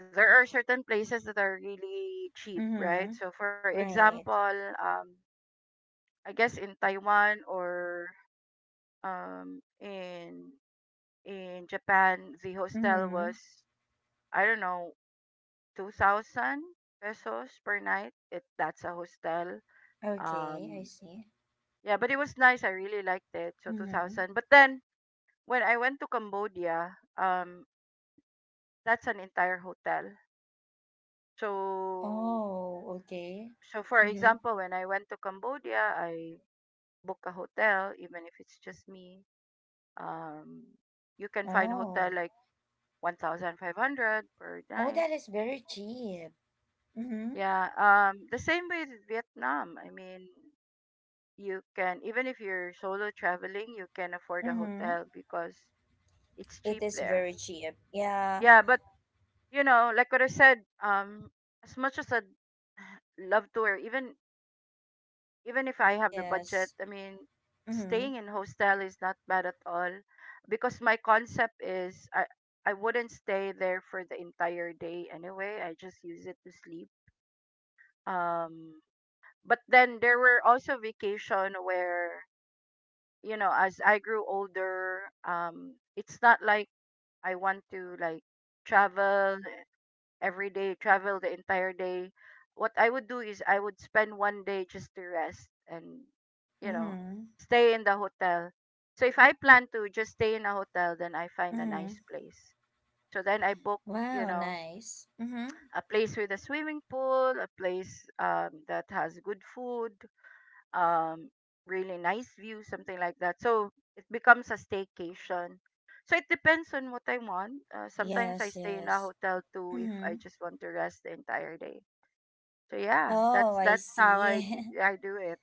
[SPEAKER 2] there are certain places that are really cheap, right?
[SPEAKER 1] Mm-hmm.
[SPEAKER 2] So for
[SPEAKER 1] Right.
[SPEAKER 2] example, um, I guess in Taiwan or um in in Japan, the hostel
[SPEAKER 1] Mm-hmm.
[SPEAKER 2] was I don't know 2,000 pesos per night. It that's a hostel.
[SPEAKER 1] Okay, I
[SPEAKER 2] Um,
[SPEAKER 1] see.
[SPEAKER 2] yeah, but it was nice. I really liked it. So two
[SPEAKER 1] Mm-hmm.
[SPEAKER 2] thousand. But then when I went to Cambodia, that's an entire hotel. So
[SPEAKER 1] Oh, okay.
[SPEAKER 2] so for
[SPEAKER 1] Mm-hmm.
[SPEAKER 2] example, when I went to Cambodia, I book a hotel even if it's just me. Um you can find hotel
[SPEAKER 1] Oh.
[SPEAKER 2] like 1500 per
[SPEAKER 1] Oh,
[SPEAKER 2] night.
[SPEAKER 1] that is very cheap. Mm-hmm.
[SPEAKER 2] Yeah, the same with Vietnam. I mean, you can even if you're solo traveling, you can afford a
[SPEAKER 1] Mm-hmm.
[SPEAKER 2] hotel because it's cheap
[SPEAKER 1] It is
[SPEAKER 2] there.
[SPEAKER 1] very cheap. Yeah.
[SPEAKER 2] Yeah, but like what I said, as much as I'd love to or even even if I have the budget,
[SPEAKER 1] Yes.
[SPEAKER 2] I mean, staying
[SPEAKER 1] Mm-hmm.
[SPEAKER 2] in hostel is not bad at all because my concept is I wouldn't stay there for the entire day anyway. I just use it to sleep. Um, but then there were also vacation where as I grew older, it's not like I want to like travel every day, travel the entire day. What I would do is I would spend one day just to rest and, you know,
[SPEAKER 1] Mm-hmm.
[SPEAKER 2] stay in the hotel. So if I plan to just stay in a hotel, then I find a nice
[SPEAKER 1] Mm-hmm.
[SPEAKER 2] place. So then I book, you
[SPEAKER 1] Wow,
[SPEAKER 2] know,
[SPEAKER 1] nice. Mm-hmm.
[SPEAKER 2] a place with a swimming pool, a place that has good food, um, really nice view, something like that. So it becomes a staycation. So it depends on what I want. Sometimes I
[SPEAKER 1] Yes,
[SPEAKER 2] stay in a
[SPEAKER 1] yes.
[SPEAKER 2] hotel too if I
[SPEAKER 1] Mm-hmm.
[SPEAKER 2] just want to rest the entire day. So yeah,
[SPEAKER 1] Oh,
[SPEAKER 2] that's
[SPEAKER 1] I
[SPEAKER 2] that's how I do,
[SPEAKER 1] see.
[SPEAKER 2] I do it.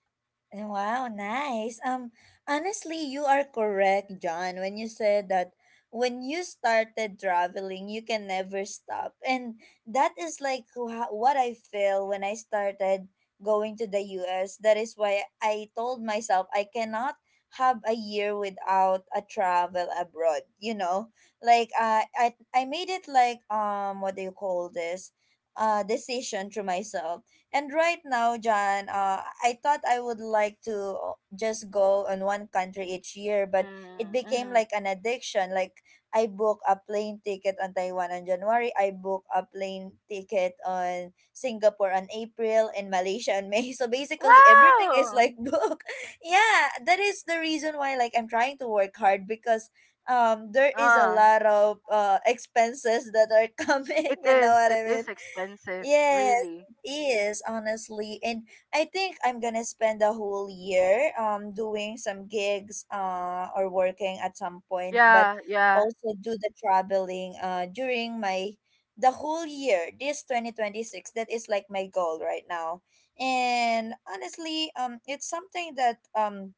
[SPEAKER 1] Wow, nice. Honestly, you are correct, John, when you said that when you started traveling, you can never stop. And that is like what I feel when I started going to the US. That is why I told myself I cannot have a year without a travel abroad, you know? Like I made it like what do you call this? Decision to myself. And right now, John, I thought I would like to just go on one country each year, but it
[SPEAKER 2] Mm,
[SPEAKER 1] became
[SPEAKER 2] mm-hmm.
[SPEAKER 1] like an addiction. Like I book a plane ticket on Taiwan on January, I book a plane ticket on Singapore on April, and Malaysia on May. So basically, everything is
[SPEAKER 2] Wow.
[SPEAKER 1] like book. Yeah, that is the reason why like I'm trying to work hard because there is a
[SPEAKER 2] Ah,
[SPEAKER 1] lot of expenses that are
[SPEAKER 2] it
[SPEAKER 1] coming. You know
[SPEAKER 2] is
[SPEAKER 1] what
[SPEAKER 2] it
[SPEAKER 1] I
[SPEAKER 2] is
[SPEAKER 1] mean?
[SPEAKER 2] expensive,
[SPEAKER 1] Yes,
[SPEAKER 2] really.
[SPEAKER 1] it is honestly, and I think I'm gonna spend the whole year doing some gigs or working at some point, but
[SPEAKER 2] Yeah, yeah.
[SPEAKER 1] also do the traveling during my the whole year this 2026. That is like my goal right now. And honestly, it's something that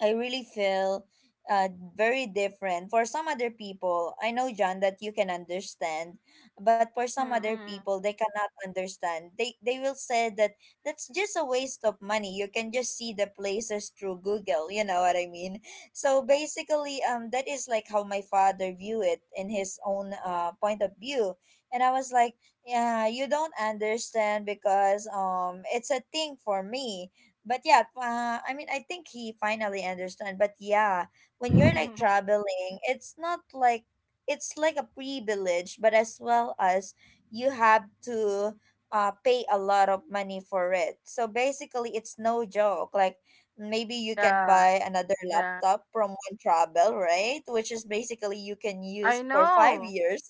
[SPEAKER 1] I really feel uh, very different. For some other people, I know, John, that you can understand, but for some other
[SPEAKER 2] Mm-hmm.
[SPEAKER 1] people, they cannot understand. They will say that that's just a waste of money. You can just see the places through Google. You know what I mean? So basically, that is like how my father view it in his own point of view. And I was like, yeah, you don't understand because it's a thing for me. But yeah, I mean, I think he finally understand. But yeah, when you're like traveling, it's not like it's like a privilege, but as well as you have to pay a lot of money for it. So basically, it's no joke. Like maybe you can
[SPEAKER 2] yeah,
[SPEAKER 1] buy another
[SPEAKER 2] yeah.
[SPEAKER 1] laptop from one travel, right? Which is basically you can
[SPEAKER 2] I
[SPEAKER 1] use for five
[SPEAKER 2] know.
[SPEAKER 1] years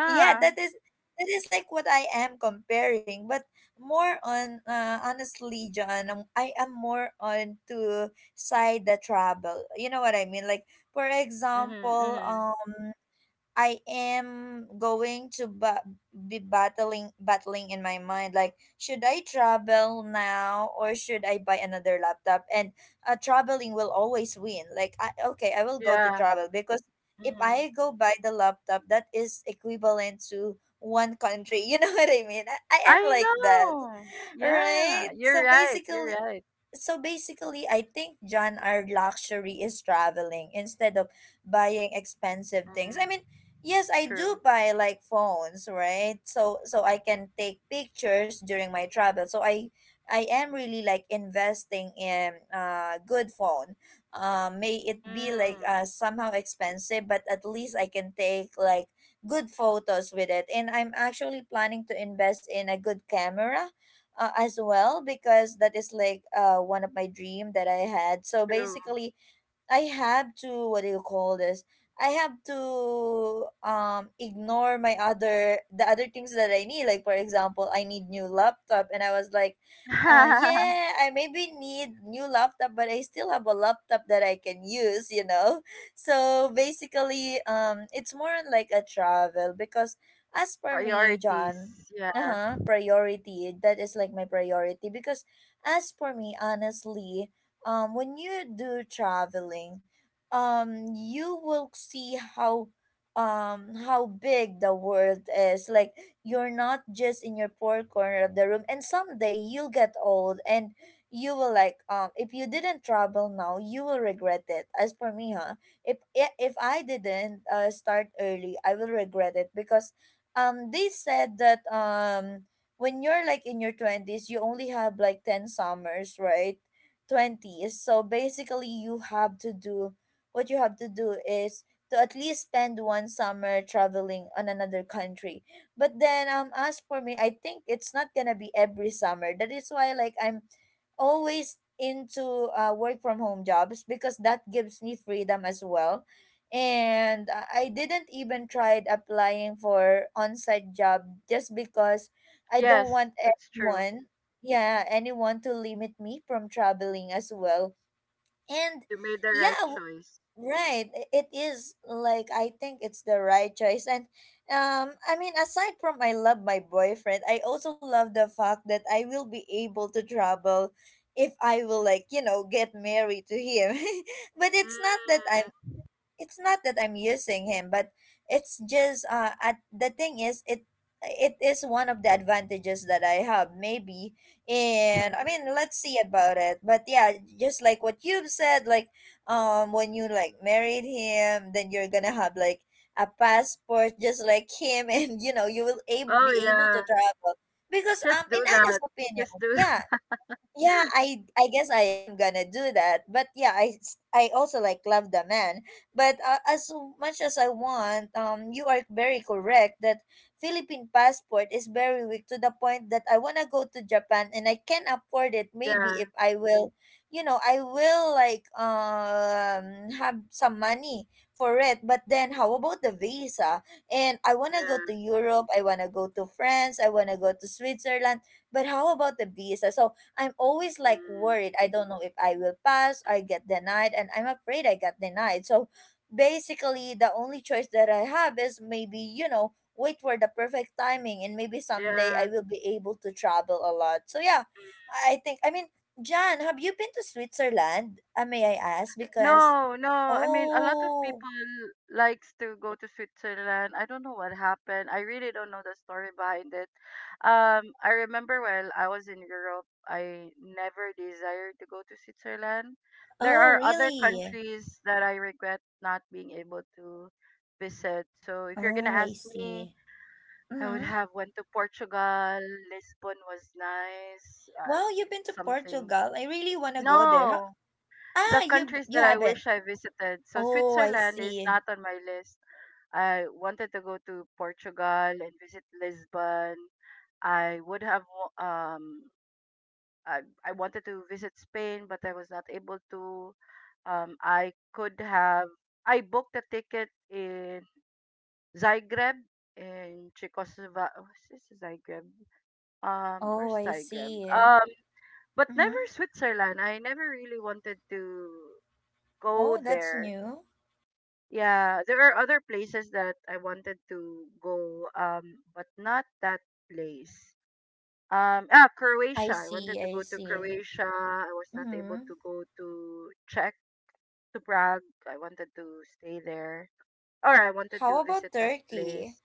[SPEAKER 1] Yeah, that is like what I am comparing, but more on, honestly, John, I am more on to side the travel, you know what I mean? Like for
[SPEAKER 2] Mm-hmm,
[SPEAKER 1] example,
[SPEAKER 2] mm-hmm.
[SPEAKER 1] I am going to be battling battling in my mind, like should I travel now or should I buy another laptop? And traveling will always win. Okay, I will go to
[SPEAKER 2] Yeah.
[SPEAKER 1] travel because if
[SPEAKER 2] Mm-hmm.
[SPEAKER 1] I go buy the laptop, that is equivalent to one country. You know what I mean? I am
[SPEAKER 2] I
[SPEAKER 1] like that,
[SPEAKER 2] know. Yeah,
[SPEAKER 1] right?
[SPEAKER 2] you're
[SPEAKER 1] So
[SPEAKER 2] right. You're
[SPEAKER 1] basically,
[SPEAKER 2] right.
[SPEAKER 1] I think, John, our luxury is traveling instead of buying expensive things. I
[SPEAKER 2] Mm,
[SPEAKER 1] mean, yes, I do
[SPEAKER 2] true.
[SPEAKER 1] buy like phones, right? So I can take pictures during my travel. So I I am really like investing in a good phone, may it be like
[SPEAKER 2] Mm,
[SPEAKER 1] somehow expensive, but at least I can take like good photos with it. And I'm actually planning to invest in a good camera as well, because that is like one of my dream that I had. So
[SPEAKER 2] true.
[SPEAKER 1] basically, I have to what do you call this? I have to ignore my other the other things that I need. Like for example, I need new laptop, and I was like, yeah, I maybe need new laptop, but I still have a laptop that I can use, you know? So basically, it's more on like a travel because as for me, John,
[SPEAKER 2] Priorities. Yeah.
[SPEAKER 1] uh-huh, priority, that is like my priority, because as for me, honestly, when you do traveling, you will see how big the world is. Like you're not just in your poor corner of the room, and someday you'll get old and you will like if you didn't travel now, you will regret it, as for me, huh? If if I didn't start early, I will regret it, because they said that when you're like in your 20's, you only have like 10 summers, right? 20's. So basically, you have to do what you have to do is to at least spend one summer traveling on another country. But then, as for me, I think it's not gonna be every summer. That is why, like, I'm always into work from home jobs because that gives me freedom as well. And I didn't even tried applying for on-site job just because I don't
[SPEAKER 2] Yes,
[SPEAKER 1] want
[SPEAKER 2] that's true.
[SPEAKER 1] anyone, yeah, anyone to limit me from traveling as well. And
[SPEAKER 2] You made the right
[SPEAKER 1] yeah,
[SPEAKER 2] choice.
[SPEAKER 1] right, it is, like, I think it's the right choice. And I mean, aside from I love my boyfriend, I also love the fact that I will be able to travel if I will, like, you know, get married to him. But it's not that I'm using him, but it's just the thing is it is one of the advantages that I have, maybe.
[SPEAKER 2] Mm.
[SPEAKER 1] And I mean, let's see about it, but yeah, just like what you've said, like, when you, like, married him, then you're gonna have, like, a passport just like him. And you know you will
[SPEAKER 2] Oh
[SPEAKER 1] be able to
[SPEAKER 2] yeah.
[SPEAKER 1] travel, because
[SPEAKER 2] Just
[SPEAKER 1] in
[SPEAKER 2] do
[SPEAKER 1] honest
[SPEAKER 2] that.
[SPEAKER 1] opinion.
[SPEAKER 2] Just do.
[SPEAKER 1] Yeah, yeah, I guess I am gonna do that. But yeah, I also, like, love the man. But as much as I want, you are very correct that Philippine passport is very weak to the point that I wanna go to Japan and I can afford it. Maybe
[SPEAKER 2] Yeah.
[SPEAKER 1] if I will, you know, I will, like, have some money for it. But then how about the visa? And I wanna go to
[SPEAKER 2] Yeah.
[SPEAKER 1] Europe. I wanna go to France. I wanna go to Switzerland. But how about the visa? So I'm always, like,
[SPEAKER 2] Mm,
[SPEAKER 1] worried. I don't know if I will pass, I get denied, and I'm afraid I got denied. So basically, the only choice that I have is maybe, you know, wait for the perfect timing and maybe someday
[SPEAKER 2] yeah.
[SPEAKER 1] I will be able to travel a lot. So yeah, I think, I mean, Jan, have you been to Switzerland? May I ask? Because,
[SPEAKER 2] No, no. I mean, a lot of
[SPEAKER 1] oh,
[SPEAKER 2] people likes to go to Switzerland. I don't know what happened. I really don't know the story behind it. I remember when I was in Europe, I never desired to go to Switzerland. There
[SPEAKER 1] oh,
[SPEAKER 2] are other
[SPEAKER 1] really?
[SPEAKER 2] countries that I regret not being able to visit. So if you're gonna
[SPEAKER 1] Oh, I
[SPEAKER 2] ask me,
[SPEAKER 1] see.
[SPEAKER 2] I would
[SPEAKER 1] Mm-hmm.
[SPEAKER 2] have went to Portugal. Lisbon was nice.
[SPEAKER 1] Wow, you've been
[SPEAKER 2] It's
[SPEAKER 1] to
[SPEAKER 2] something.
[SPEAKER 1] Portugal. I really want to go there. How—
[SPEAKER 2] No the
[SPEAKER 1] Ah, you
[SPEAKER 2] countries
[SPEAKER 1] you
[SPEAKER 2] that I
[SPEAKER 1] haven't.
[SPEAKER 2] wish I visited. So
[SPEAKER 1] Oh, I
[SPEAKER 2] Switzerland is
[SPEAKER 1] see.
[SPEAKER 2] not on my list. I wanted to go to Portugal and visit Lisbon. I would have I wanted to visit Spain, but I was not able to. I could have I booked a ticket in Zagreb in Czechoslovakia. This is Zagreb.
[SPEAKER 1] Oh,
[SPEAKER 2] Where's
[SPEAKER 1] I
[SPEAKER 2] Zagreb?
[SPEAKER 1] see.
[SPEAKER 2] But
[SPEAKER 1] Mm-hmm.
[SPEAKER 2] never Switzerland. I never really wanted to go
[SPEAKER 1] Oh, that's
[SPEAKER 2] there.
[SPEAKER 1] new.
[SPEAKER 2] Yeah, there are other places that I wanted to go, but not that place.
[SPEAKER 1] I
[SPEAKER 2] Croatia. I wanted
[SPEAKER 1] see,
[SPEAKER 2] to
[SPEAKER 1] I
[SPEAKER 2] go to
[SPEAKER 1] see.
[SPEAKER 2] Croatia. I was not able
[SPEAKER 1] Mm-hmm.
[SPEAKER 2] to go to Czech, to Prague. I wanted to stay there, or I wanted
[SPEAKER 1] How
[SPEAKER 2] to
[SPEAKER 1] about
[SPEAKER 2] visit that
[SPEAKER 1] Turkey?
[SPEAKER 2] place.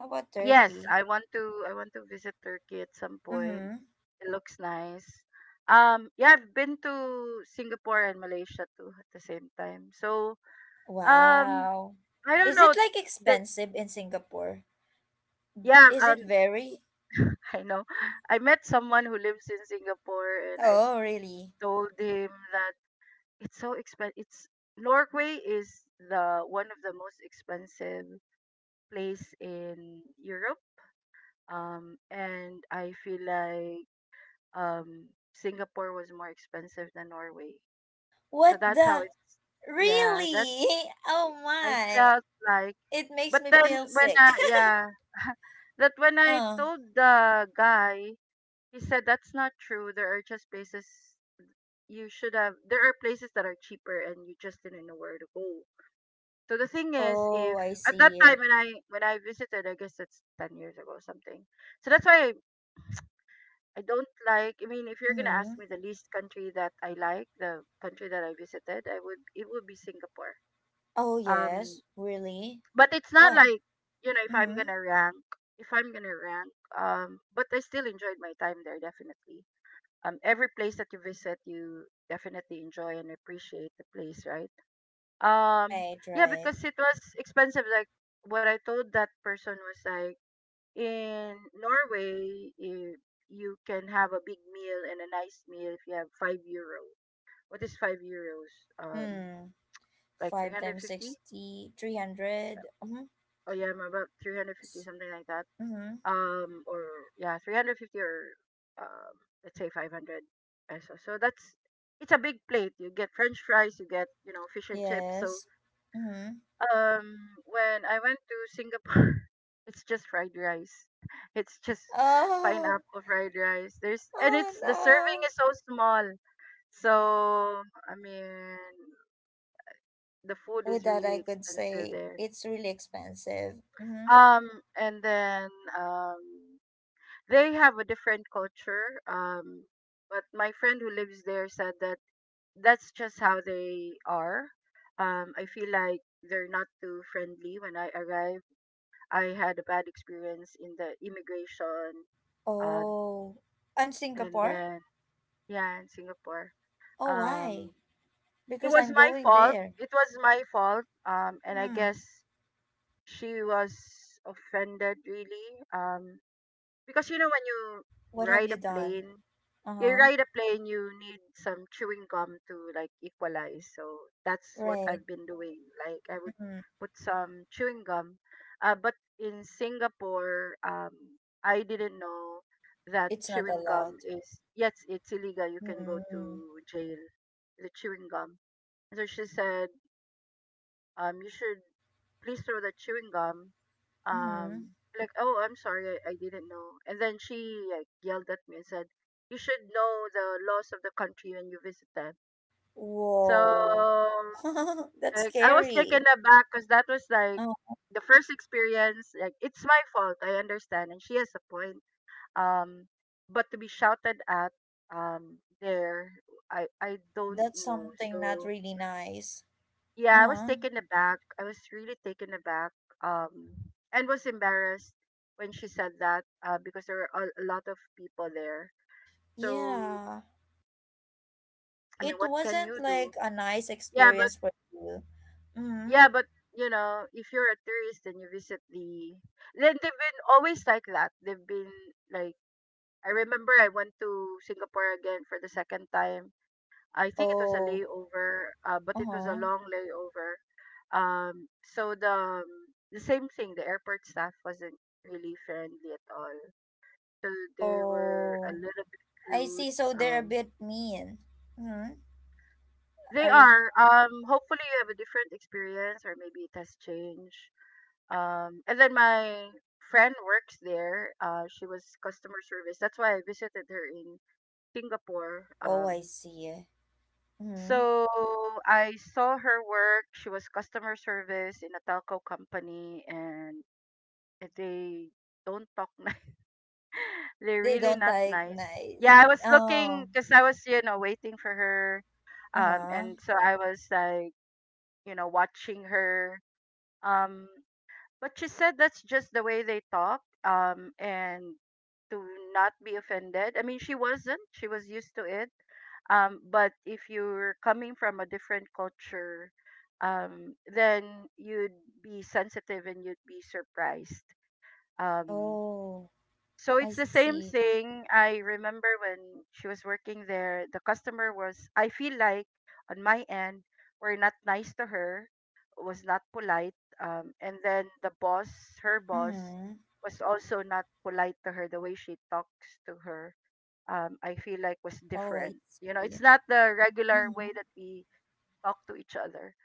[SPEAKER 1] How about
[SPEAKER 2] Yes,
[SPEAKER 1] Turkey?
[SPEAKER 2] I want to. I want to visit Turkey at some point.
[SPEAKER 1] Mm-hmm.
[SPEAKER 2] It looks nice. Yeah, I've been to Singapore and Malaysia too at the same time. So, um,
[SPEAKER 1] Wow.
[SPEAKER 2] I don't
[SPEAKER 1] Is
[SPEAKER 2] know.
[SPEAKER 1] it, like,
[SPEAKER 2] There,
[SPEAKER 1] expensive in Singapore?
[SPEAKER 2] yeah,
[SPEAKER 1] Is it very?
[SPEAKER 2] I know. I met someone who lives in Singapore and I
[SPEAKER 1] Oh, really?
[SPEAKER 2] told him that it's so expensive. It's Norway is the one of the most expensive place in Europe. And I feel like um Singapore was more expensive than Norway. So
[SPEAKER 1] What
[SPEAKER 2] that's how
[SPEAKER 1] the?
[SPEAKER 2] it's yeah,
[SPEAKER 1] Really?
[SPEAKER 2] that's
[SPEAKER 1] Oh
[SPEAKER 2] I
[SPEAKER 1] my.
[SPEAKER 2] felt like
[SPEAKER 1] It makes
[SPEAKER 2] but
[SPEAKER 1] me
[SPEAKER 2] then
[SPEAKER 1] feel
[SPEAKER 2] when
[SPEAKER 1] sick.
[SPEAKER 2] I yeah that when I
[SPEAKER 1] Uh,
[SPEAKER 2] told the guy he said that's not true. There are just places you should have. There are places that are cheaper, and you just didn't know where to go. So the thing is,
[SPEAKER 1] oh,
[SPEAKER 2] if
[SPEAKER 1] I
[SPEAKER 2] at that
[SPEAKER 1] see.
[SPEAKER 2] time when I visited, I guess it's 10 years ago or something. So that's why I don't like. I mean, if you're gonna
[SPEAKER 1] Mm-hmm.
[SPEAKER 2] ask me the least country that I like, the country that I visited, I would it would be Singapore.
[SPEAKER 1] Oh,
[SPEAKER 2] Um,
[SPEAKER 1] yes. Really?
[SPEAKER 2] but it's not
[SPEAKER 1] Why?
[SPEAKER 2] like if I'm
[SPEAKER 1] Mm-hmm.
[SPEAKER 2] gonna rank if I'm gonna rank. But I still enjoyed my time there definitely. Every place that you visit, you definitely enjoy and appreciate the place, right? Um,
[SPEAKER 1] Right,
[SPEAKER 2] yeah,
[SPEAKER 1] right.
[SPEAKER 2] because it was expensive. Like what I told that person was like in Norway, you can have a big meal and a nice meal if you have €5. What is €5? Um,
[SPEAKER 1] Mm.
[SPEAKER 2] like
[SPEAKER 1] 5 times
[SPEAKER 2] 350?
[SPEAKER 1] 60, 300. 300. Mm-hmm.
[SPEAKER 2] Oh yeah, I'm about 350, something like that.
[SPEAKER 1] Mm-hmm.
[SPEAKER 2] Or yeah 350 or um let's say 500 pesos. So that's it's a big plate, you get french fries, you get, fish and chips. So
[SPEAKER 1] Yes. Mm-hmm.
[SPEAKER 2] when I went to Singapore it's just fried rice. It's just
[SPEAKER 1] Oh,
[SPEAKER 2] pineapple fried rice. There's and
[SPEAKER 1] oh
[SPEAKER 2] it's the serving
[SPEAKER 1] no.
[SPEAKER 2] is so small. So I mean the food
[SPEAKER 1] With
[SPEAKER 2] is
[SPEAKER 1] that,
[SPEAKER 2] really
[SPEAKER 1] I could
[SPEAKER 2] expensive
[SPEAKER 1] say
[SPEAKER 2] there.
[SPEAKER 1] it's really expensive. Mm-hmm.
[SPEAKER 2] um and then um they have a different culture. But my friend who lives there said that that's just how they are. I feel like they're not too friendly when I arrived. I had a bad experience in the immigration, uh,
[SPEAKER 1] Oh, and
[SPEAKER 2] and
[SPEAKER 1] Singapore?
[SPEAKER 2] then yeah, in Singapore.
[SPEAKER 1] Oh, why?
[SPEAKER 2] Um, it
[SPEAKER 1] Because
[SPEAKER 2] was
[SPEAKER 1] I'm
[SPEAKER 2] my
[SPEAKER 1] going
[SPEAKER 2] fault.
[SPEAKER 1] there.
[SPEAKER 2] It was my fault. And I
[SPEAKER 1] Hmm.
[SPEAKER 2] guess she was offended really. Because you know when you
[SPEAKER 1] What have
[SPEAKER 2] ride
[SPEAKER 1] you
[SPEAKER 2] a
[SPEAKER 1] done?
[SPEAKER 2] plane
[SPEAKER 1] Uh-huh.
[SPEAKER 2] you need some chewing gum to like equalize. So that's what
[SPEAKER 1] Right.
[SPEAKER 2] I've been doing. Like I would
[SPEAKER 1] Mm-hmm.
[SPEAKER 2] put some chewing gum. But in Singapore I didn't know that
[SPEAKER 1] It's not
[SPEAKER 2] chewing gum
[SPEAKER 1] allowed.
[SPEAKER 2] is yes it's illegal. You can go
[SPEAKER 1] Mm-hmm.
[SPEAKER 2] to jail, the chewing gum. So she said, you should please throw the chewing gum.
[SPEAKER 1] Mm-hmm.
[SPEAKER 2] Like oh I'm sorry, I didn't know. And then she like yelled at me and said you should know the laws of the country when you visit them.
[SPEAKER 1] Whoa.
[SPEAKER 2] So
[SPEAKER 1] That's
[SPEAKER 2] like I was taken
[SPEAKER 1] scary.
[SPEAKER 2] aback because that was like
[SPEAKER 1] Uh-huh.
[SPEAKER 2] the first experience. Like it's my fault, I understand, and she has a point. um but to be shouted at there, I don't
[SPEAKER 1] That's
[SPEAKER 2] know.
[SPEAKER 1] something not
[SPEAKER 2] So
[SPEAKER 1] really nice.
[SPEAKER 2] yeah, I was
[SPEAKER 1] Uh-huh.
[SPEAKER 2] taken aback. I was really taken aback, um, and was embarrassed when she said that, because there were a lot of people there. So,
[SPEAKER 1] Yeah. It,
[SPEAKER 2] I mean,
[SPEAKER 1] it
[SPEAKER 2] what can you
[SPEAKER 1] wasn't
[SPEAKER 2] do?
[SPEAKER 1] like a nice
[SPEAKER 2] Yeah, but
[SPEAKER 1] experience for you. Mm-hmm.
[SPEAKER 2] yeah, but you know, if you're a tourist and you visit the, then they've been always like that. They've been like, I remember I went to Singapore again for the second time. I think it was a
[SPEAKER 1] Oh.
[SPEAKER 2] layover, but it was a
[SPEAKER 1] Uh-huh.
[SPEAKER 2] long layover. So the same thing, the airport staff wasn't really friendly at all. So they were a
[SPEAKER 1] Oh.
[SPEAKER 2] little bit
[SPEAKER 1] I
[SPEAKER 2] rude.
[SPEAKER 1] see. So they're a
[SPEAKER 2] Um,
[SPEAKER 1] bit mean. Mm-hmm.
[SPEAKER 2] they
[SPEAKER 1] Are you?
[SPEAKER 2] are. Hopefully you have a different experience, or maybe it has changed. And then my friend works there. She was customer service. That's why I visited her in Singapore.
[SPEAKER 1] Oh, I see. Mm-hmm.
[SPEAKER 2] So I saw her work. She was customer service in a telco company, and they don't talk nice. They're
[SPEAKER 1] They
[SPEAKER 2] really
[SPEAKER 1] don't
[SPEAKER 2] not
[SPEAKER 1] like
[SPEAKER 2] nice. Yeah, I
[SPEAKER 1] nicely.
[SPEAKER 2] was looking
[SPEAKER 1] Oh.
[SPEAKER 2] because I was, waiting for her,
[SPEAKER 1] Uh-huh.
[SPEAKER 2] and so I was like, watching her. Um, but she said that's just the way they talk, and to not be offended. I mean, she wasn't. She was used to it. But if you're coming from a different culture, then you'd be sensitive and you'd be surprised. Um,
[SPEAKER 1] Oh.
[SPEAKER 2] so it's
[SPEAKER 1] I
[SPEAKER 2] the same
[SPEAKER 1] see.
[SPEAKER 2] thing. I remember when she was working there, the customer was, I feel like on my end, were not nice to her, was not polite. And then the boss, her boss,
[SPEAKER 1] Mm-hmm.
[SPEAKER 2] was also not polite to her. The way she talks to her, I feel like was
[SPEAKER 1] Oh, I
[SPEAKER 2] different. It's
[SPEAKER 1] see.
[SPEAKER 2] not the regular
[SPEAKER 1] Mm-hmm.
[SPEAKER 2] way that we talk to each other.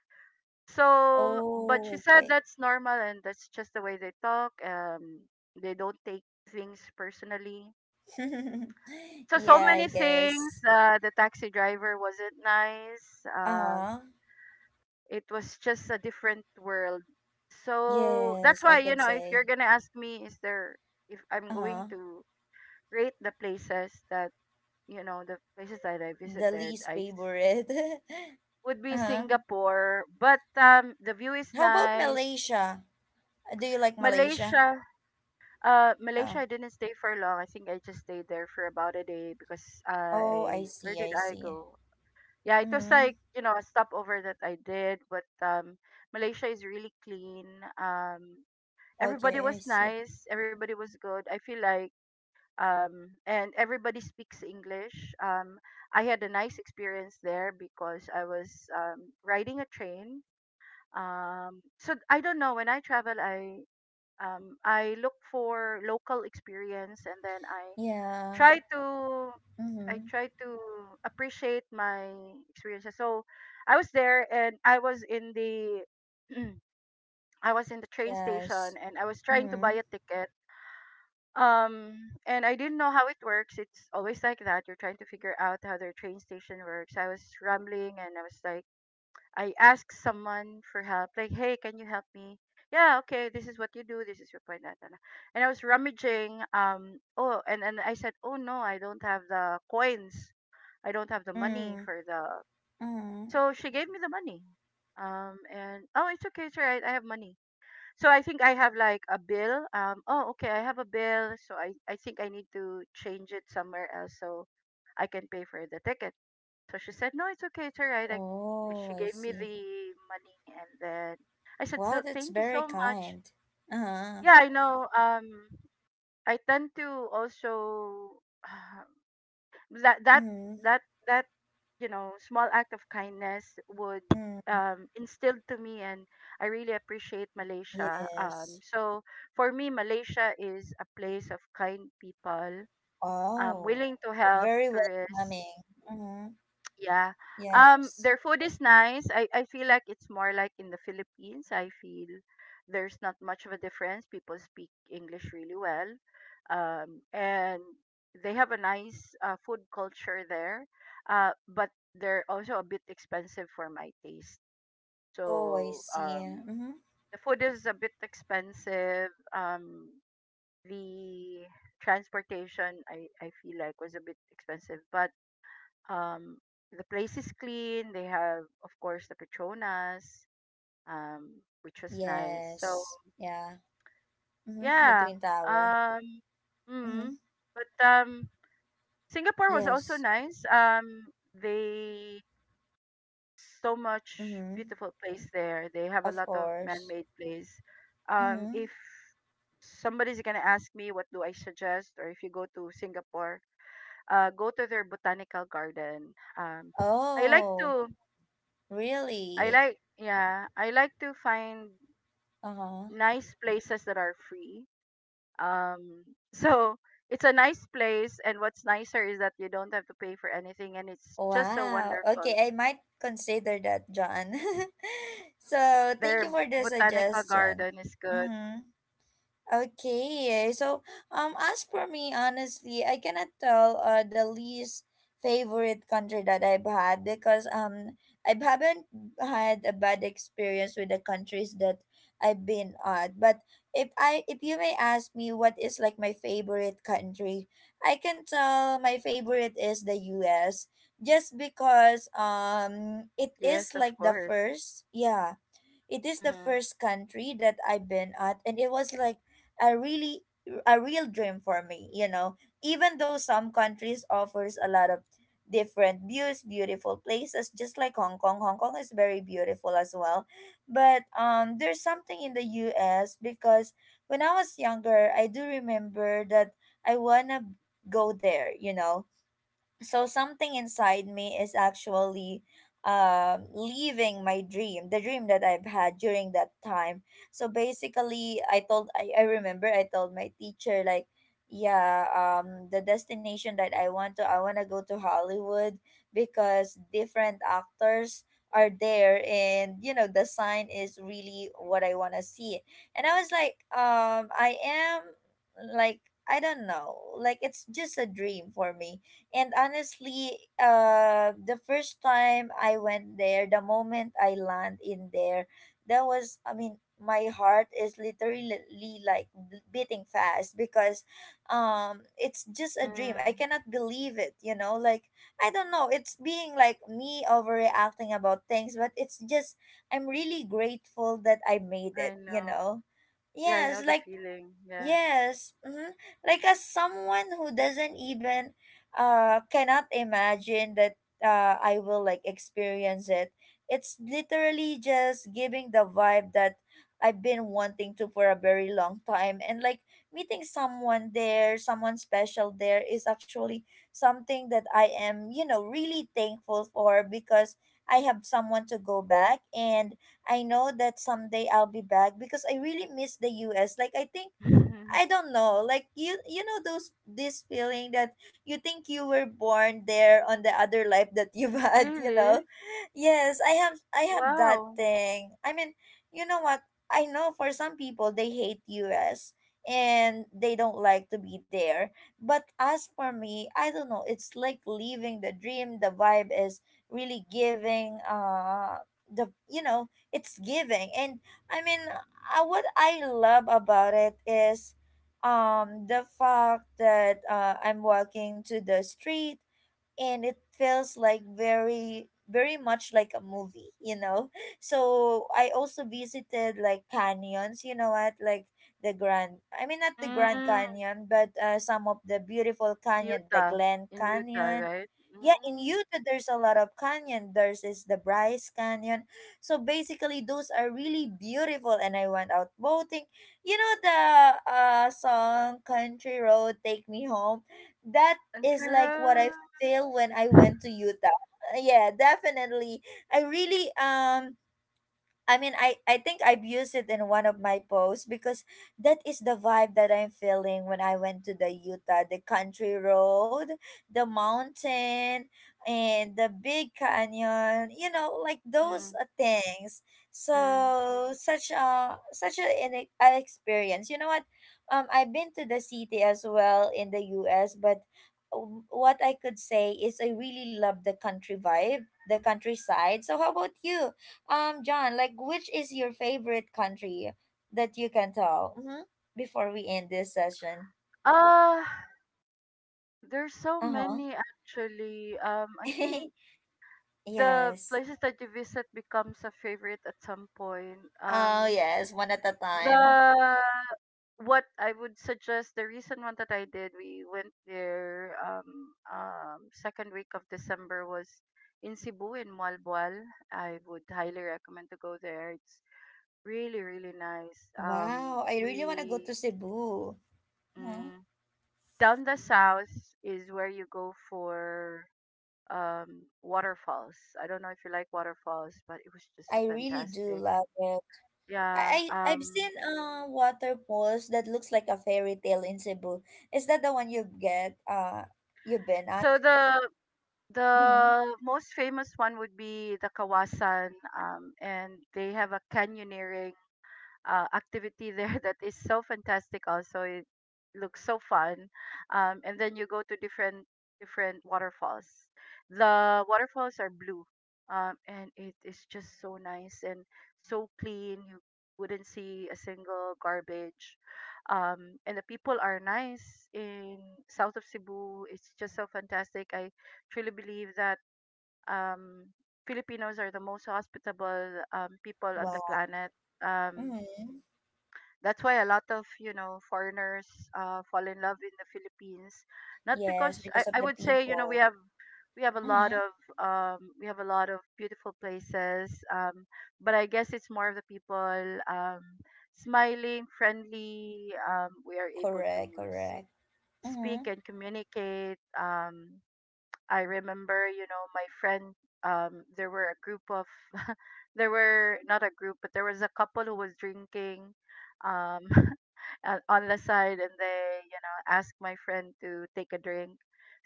[SPEAKER 2] So, but she
[SPEAKER 1] Oh,
[SPEAKER 2] said
[SPEAKER 1] okay.
[SPEAKER 2] that's normal and that's just the way they talk. They don't take things personally so so
[SPEAKER 1] Yeah, I
[SPEAKER 2] many things.
[SPEAKER 1] guess.
[SPEAKER 2] The taxi driver wasn't nice. Um,
[SPEAKER 1] Uh-huh.
[SPEAKER 2] it was just a different world. So that's
[SPEAKER 1] Yes,
[SPEAKER 2] why
[SPEAKER 1] I could
[SPEAKER 2] if you're
[SPEAKER 1] say.
[SPEAKER 2] gonna ask me, is there if I'm going
[SPEAKER 1] Uh-huh.
[SPEAKER 2] to rate the places that the places that I
[SPEAKER 1] The
[SPEAKER 2] visited,
[SPEAKER 1] least favorite.
[SPEAKER 2] would be
[SPEAKER 1] uh-huh.
[SPEAKER 2] Singapore. But the view is
[SPEAKER 1] How about
[SPEAKER 2] nice.
[SPEAKER 1] Malaysia? Do you like Malaysia?
[SPEAKER 2] Malaysia. Uh,
[SPEAKER 1] Uh,
[SPEAKER 2] Malaysia, I didn't stay for long. I think I just stayed there for about a day because
[SPEAKER 1] oh, I
[SPEAKER 2] where
[SPEAKER 1] see,
[SPEAKER 2] did
[SPEAKER 1] I
[SPEAKER 2] I
[SPEAKER 1] see.
[SPEAKER 2] go? Yeah, it was
[SPEAKER 1] Mm-hmm.
[SPEAKER 2] like, a stopover that I did, but Malaysia is really clean. Um Everybody
[SPEAKER 1] Okay, I
[SPEAKER 2] was
[SPEAKER 1] see.
[SPEAKER 2] nice, everybody was good. I feel like and everybody speaks English. I had a nice experience there because I was riding a train. So I don't know, when I travel I look for local experience and then I
[SPEAKER 1] Yeah.
[SPEAKER 2] try to I
[SPEAKER 1] Mm-hmm.
[SPEAKER 2] try to appreciate my experiences. So I was there and I was in the I was in the train station
[SPEAKER 1] Yes.
[SPEAKER 2] and I was trying to buy
[SPEAKER 1] Mm-hmm.
[SPEAKER 2] a ticket. And I didn't know how it works. It's always like that. You're trying to figure out how their train station works. I was rambling and I was like I ask someone for help, like, hey, can you help me? Yeah, okay, this is what you do, this is your point. Da, da, da. And I was rummaging, oh, and I said, oh no, I don't have the coins. I don't have the money
[SPEAKER 1] Mm-hmm.
[SPEAKER 2] for the.
[SPEAKER 1] Mm-hmm.
[SPEAKER 2] So she gave me the money. And, oh, it's okay, it's all right, I have money. So I think I have like a bill. Oh, okay, I have a bill. So I think I need to change it somewhere else so I can pay for the ticket. So she said, "No, it's okay, it's alright." Like
[SPEAKER 1] Oh,
[SPEAKER 2] she
[SPEAKER 1] I
[SPEAKER 2] gave me
[SPEAKER 1] see.
[SPEAKER 2] the money, and then I said,
[SPEAKER 1] Wow,
[SPEAKER 2] "So
[SPEAKER 1] that's
[SPEAKER 2] thank you
[SPEAKER 1] very
[SPEAKER 2] so much."
[SPEAKER 1] kind. Uh-huh.
[SPEAKER 2] Yeah, I know. I tend to also uh, that that
[SPEAKER 1] Mm-hmm.
[SPEAKER 2] that that small act of kindness would
[SPEAKER 1] Mm.
[SPEAKER 2] instilled to me and I really appreciate Malaysia. Um,
[SPEAKER 1] Yes.
[SPEAKER 2] so for me, Malaysia is a place of kind people,
[SPEAKER 1] Wow.
[SPEAKER 2] willing to help
[SPEAKER 1] Very
[SPEAKER 2] tourists.
[SPEAKER 1] welcoming. Mm-hmm.
[SPEAKER 2] Yeah. Um,
[SPEAKER 1] Yes.
[SPEAKER 2] their food is nice. I feel like it's more like in the Philippines. I feel there's not much of a difference. People speak English really well. And they have a nice food culture there. But they're also a bit expensive for my taste.
[SPEAKER 1] Oh, I
[SPEAKER 2] So
[SPEAKER 1] see. Mm-hmm.
[SPEAKER 2] the food is a bit expensive. Um, the transportation, I feel like, was a bit expensive. But um, the place is clean. They have, of course, the Petronas, which was nice. So
[SPEAKER 1] Yes. Yeah. Mm-hmm. The
[SPEAKER 2] yeah,
[SPEAKER 1] Twin Tower.
[SPEAKER 2] um,
[SPEAKER 1] Mm-hmm.
[SPEAKER 2] mm, but Singapore was also
[SPEAKER 1] Yes.
[SPEAKER 2] nice. They so much
[SPEAKER 1] Mm-hmm.
[SPEAKER 2] beautiful place there. They have a
[SPEAKER 1] Of
[SPEAKER 2] lot of
[SPEAKER 1] course.
[SPEAKER 2] man-made place.
[SPEAKER 1] Mm-hmm.
[SPEAKER 2] If somebody's gonna ask me what do I suggest, or if you go to Singapore, go to their botanical garden. I like
[SPEAKER 1] Oh,
[SPEAKER 2] to. I
[SPEAKER 1] really?
[SPEAKER 2] like yeah, I like to find
[SPEAKER 1] Uh-huh.
[SPEAKER 2] nice places that are free. Um so it's a nice place and what's nicer is that you don't have to pay for anything and it's just so
[SPEAKER 1] Wow. Okay,
[SPEAKER 2] wonderful.
[SPEAKER 1] I might consider that, John. So, thank
[SPEAKER 2] Their
[SPEAKER 1] you for the
[SPEAKER 2] botanical
[SPEAKER 1] suggestion.
[SPEAKER 2] garden is good.
[SPEAKER 1] Mm-hmm. Okay, eh, so as for me, honestly, I cannot tell the least favorite country that I've had, because I haven't had a bad experience with the countries that I've been at. But if you may ask me what is, like, my favorite country, I can tell my favorite is the U.S., just because it is,
[SPEAKER 2] Yes, of
[SPEAKER 1] like, the
[SPEAKER 2] course.
[SPEAKER 1] first, yeah, it is the
[SPEAKER 2] Mhm.
[SPEAKER 1] first country that I've been at, and it was like a really a real dream for me, you know. Even though some countries offers a lot of different views, beautiful places, just like Hong Kong. Hong Kong is very beautiful as well. But there's something in the U.S., because when I was younger, I do remember that I wanna go there, you know, so something inside me is actually leaving my dream, the dream that I've had during that time. So basically I remember I told my teacher, like, yeah, the destination that I want to, I want to go to Hollywood, because different actors are there, and you know the sign is really what I want to see. And I was like, I am, like, I don't know, like, it's just a dream for me. And honestly, the first time I went there, the moment I land in there, that was, I mean, my heart is literally like beating fast, because it's just a dream, I
[SPEAKER 2] Mm,
[SPEAKER 1] cannot believe it, you know. Like, I don't know, it's being like me overreacting about things, but it's just I'm really grateful that I made it,
[SPEAKER 2] I
[SPEAKER 1] you
[SPEAKER 2] know.
[SPEAKER 1] know.
[SPEAKER 2] Yeah, I know
[SPEAKER 1] Yes,
[SPEAKER 2] the
[SPEAKER 1] like
[SPEAKER 2] feeling. Yeah.
[SPEAKER 1] Yes, mm-hmm. Like, as someone who doesn't even cannot imagine that I will, like, experience it. It's literally just giving the vibe that I've been wanting to for a very long time. And like meeting someone there, someone special there is actually something that I am, you know, really thankful for, because I have someone to go back, and I know that someday I'll be back, because I really miss the US. Like, I think I don't know. Like, you know those this feeling that you think you were born there on the other life that you've had, you know?
[SPEAKER 2] Really?
[SPEAKER 1] Yes, I have that
[SPEAKER 2] Wow.
[SPEAKER 1] thing. I mean, you know what? I know for some people they hate U.S. and they don't like to be there. But as for me, I don't know. It's like living the dream. The vibe is really giving the you know, it's giving. And I mean, what I love about it is the fact that I'm walking to the street, and it feels like very, very much like a movie, you know. So I also visited like canyons, you know what, like the grand, I mean not the Grand
[SPEAKER 2] Mm,
[SPEAKER 1] Canyon, but some of the beautiful canyon, the
[SPEAKER 2] Utah.
[SPEAKER 1] Glen
[SPEAKER 2] In Utah,
[SPEAKER 1] Canyon.
[SPEAKER 2] right?
[SPEAKER 1] Yeah, in
[SPEAKER 2] Mm,
[SPEAKER 1] Utah there's a lot of canyon, there's is the Bryce Canyon. So basically those are really beautiful, and I went out boating. You know the song "Country Road, Take Me Home"? That is
[SPEAKER 2] country
[SPEAKER 1] like what I
[SPEAKER 2] road.
[SPEAKER 1] feel when I went to Utah. Yeah, definitely. I really I mean, I think I've used it in one of my posts, because that is the vibe that I'm feeling when I went to the Utah, the country road, the mountain, and the big canyon, you know, like those
[SPEAKER 2] Mm.
[SPEAKER 1] things.
[SPEAKER 2] Mm.
[SPEAKER 1] So such a an experience. You know what? I've been to the city as well in the U.S., but what I could say is I really love the country vibe, the countryside. So how about you? John, like, which is your favorite country that you can tell? Mm-hmm. Before we end this session.
[SPEAKER 2] Uh, there's so
[SPEAKER 1] Uh-huh.
[SPEAKER 2] many actually. I think the
[SPEAKER 1] Yes.
[SPEAKER 2] places that you visit becomes a favorite at some point.
[SPEAKER 1] Oh, yes, one at a time.
[SPEAKER 2] The What I would suggest the recent one that I did, we went there second week of December was in Cebu in Malboal. I would highly recommend to go there. It's really really nice.
[SPEAKER 1] Wow, I really want to go to
[SPEAKER 2] We.
[SPEAKER 1] Cebu. Mhm.
[SPEAKER 2] Mm, down the south is where you go for waterfalls. I don't know if you like waterfalls, but it was just so
[SPEAKER 1] I really do
[SPEAKER 2] fantastic.
[SPEAKER 1] love it.
[SPEAKER 2] Yeah.
[SPEAKER 1] I've
[SPEAKER 2] Um
[SPEAKER 1] seen waterfalls that looks like a fairy tale in Cebu. Is that the one you get you've been at?
[SPEAKER 2] so the
[SPEAKER 1] Mm-hmm.
[SPEAKER 2] most famous one would be the Kawasan and they have a canyoneering activity there that is so fantastic also it looks so fun, and then you go to different waterfalls. The waterfalls are blue, and it is just so nice and so clean. You wouldn't see a single garbage, and the people are nice in south of Cebu. It's just so fantastic. I truly believe that um, Filipinos are the most hospitable people on the
[SPEAKER 1] Wow.
[SPEAKER 2] planet, um,
[SPEAKER 1] Mm-hmm.
[SPEAKER 2] that's why a lot of, you know, foreigners fall in love in the Philippines. Not
[SPEAKER 1] Yes,
[SPEAKER 2] because
[SPEAKER 1] because of
[SPEAKER 2] I
[SPEAKER 1] the
[SPEAKER 2] would say, you know, we
[SPEAKER 1] people.
[SPEAKER 2] have a lot
[SPEAKER 1] Mm-hmm.
[SPEAKER 2] of we have a lot of beautiful places. But I guess it's more of the people smiling, friendly. We are able to
[SPEAKER 1] Correct,
[SPEAKER 2] s-
[SPEAKER 1] correct. Mm-hmm.
[SPEAKER 2] speak and communicate. I remember, you know, my friend, there were a group of, there were not a group, but there was a couple who was drinking um, on the side and they, you know, asked my friend to take a drink.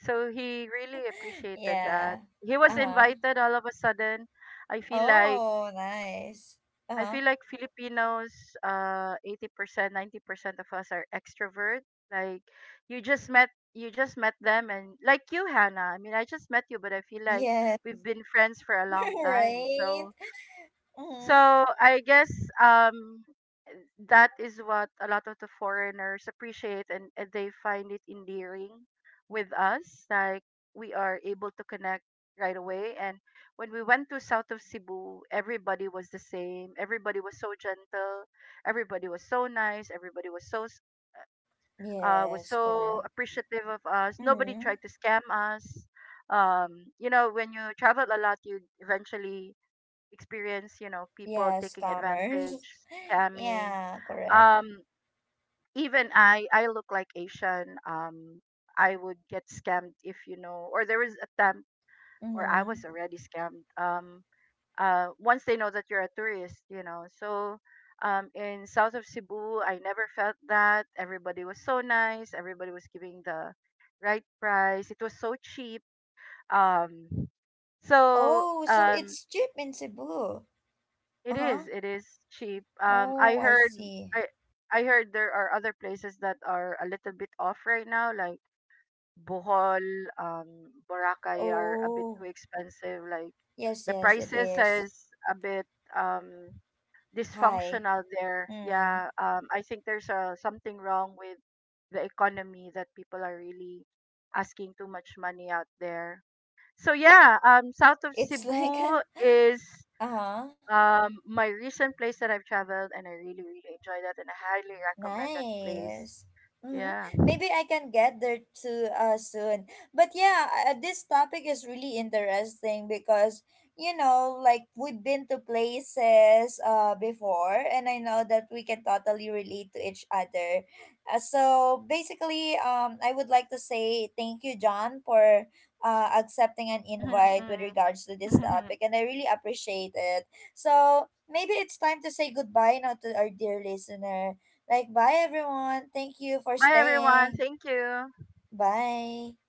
[SPEAKER 2] So he really appreciated that.
[SPEAKER 1] Yeah.
[SPEAKER 2] He was
[SPEAKER 1] Uh-huh.
[SPEAKER 2] invited all of a sudden. I feel like
[SPEAKER 1] Oh, nice.
[SPEAKER 2] I
[SPEAKER 1] Uh-huh.
[SPEAKER 2] feel like Filipinos, 80%, 90% of us are extrovert. Like you just met them and like you, Hannah. I mean, I just met you, but I feel like
[SPEAKER 1] Yeah.
[SPEAKER 2] we've been friends for a long time.
[SPEAKER 1] Right.
[SPEAKER 2] So,
[SPEAKER 1] Mm-hmm.
[SPEAKER 2] so I guess um that is what a lot of the foreigners appreciate and they find it endearing with us. Like we are able to connect right away. And when we went to south of Cebu, everybody was the same. Everybody was so gentle. Everybody was so nice. Everybody was so s- was
[SPEAKER 1] Yes,
[SPEAKER 2] so
[SPEAKER 1] correct.
[SPEAKER 2] appreciative of us. Nobody
[SPEAKER 1] Mm-hmm.
[SPEAKER 2] tried to scam us. You know, when you travel a lot, you eventually experience, you know, people
[SPEAKER 1] Yeah,
[SPEAKER 2] taking
[SPEAKER 1] scammers.
[SPEAKER 2] advantage, scamming.
[SPEAKER 1] Yeah, correct.
[SPEAKER 2] Um, Even I look like Asian. I would get scammed if you know, or there was a time, or I
[SPEAKER 1] Mm-hmm.
[SPEAKER 2] was already scammed. Once they know that you're a tourist, you know. So, in south of Cebu, I never felt that. Everybody was so nice. Everybody was giving the right price. It was so cheap. Um, so
[SPEAKER 1] Oh, so
[SPEAKER 2] um
[SPEAKER 1] it's cheap in Cebu.
[SPEAKER 2] It
[SPEAKER 1] Uh-huh.
[SPEAKER 2] is. It is cheap.
[SPEAKER 1] Oh,
[SPEAKER 2] I
[SPEAKER 1] I
[SPEAKER 2] heard.
[SPEAKER 1] see.
[SPEAKER 2] I I heard there are other places that are a little bit off right now, like Bohol, Boracay are a bit too
[SPEAKER 1] Oh,
[SPEAKER 2] expensive. Like
[SPEAKER 1] yes,
[SPEAKER 2] the
[SPEAKER 1] yes, it
[SPEAKER 2] prices
[SPEAKER 1] is.
[SPEAKER 2] is a bit um
[SPEAKER 1] Hi.
[SPEAKER 2] dysfunctional there.
[SPEAKER 1] Mm.
[SPEAKER 2] Yeah. I think there's a something wrong with the economy that people are really asking too much money out there. So yeah, south of
[SPEAKER 1] It's like,
[SPEAKER 2] Cebu is
[SPEAKER 1] uh-huh.
[SPEAKER 2] my recent place that I've traveled and I really, really enjoy that and I highly recommend that place.
[SPEAKER 1] Nice. Mm-hmm.
[SPEAKER 2] Yeah.
[SPEAKER 1] Maybe I can get there too, soon. But yeah, this topic is really interesting because, you know, like we've been to places before, and I know that we can totally relate to each other. So basically, I would like to say thank you, John, for accepting an invite
[SPEAKER 2] Mhm,
[SPEAKER 1] with regards to this
[SPEAKER 2] mhm.
[SPEAKER 1] topic, and I really appreciate it. So maybe it's time to say goodbye now to our dear listener. Like, bye everyone. Thank you for
[SPEAKER 2] Bye everyone.
[SPEAKER 1] staying.
[SPEAKER 2] Thank you.
[SPEAKER 1] Bye.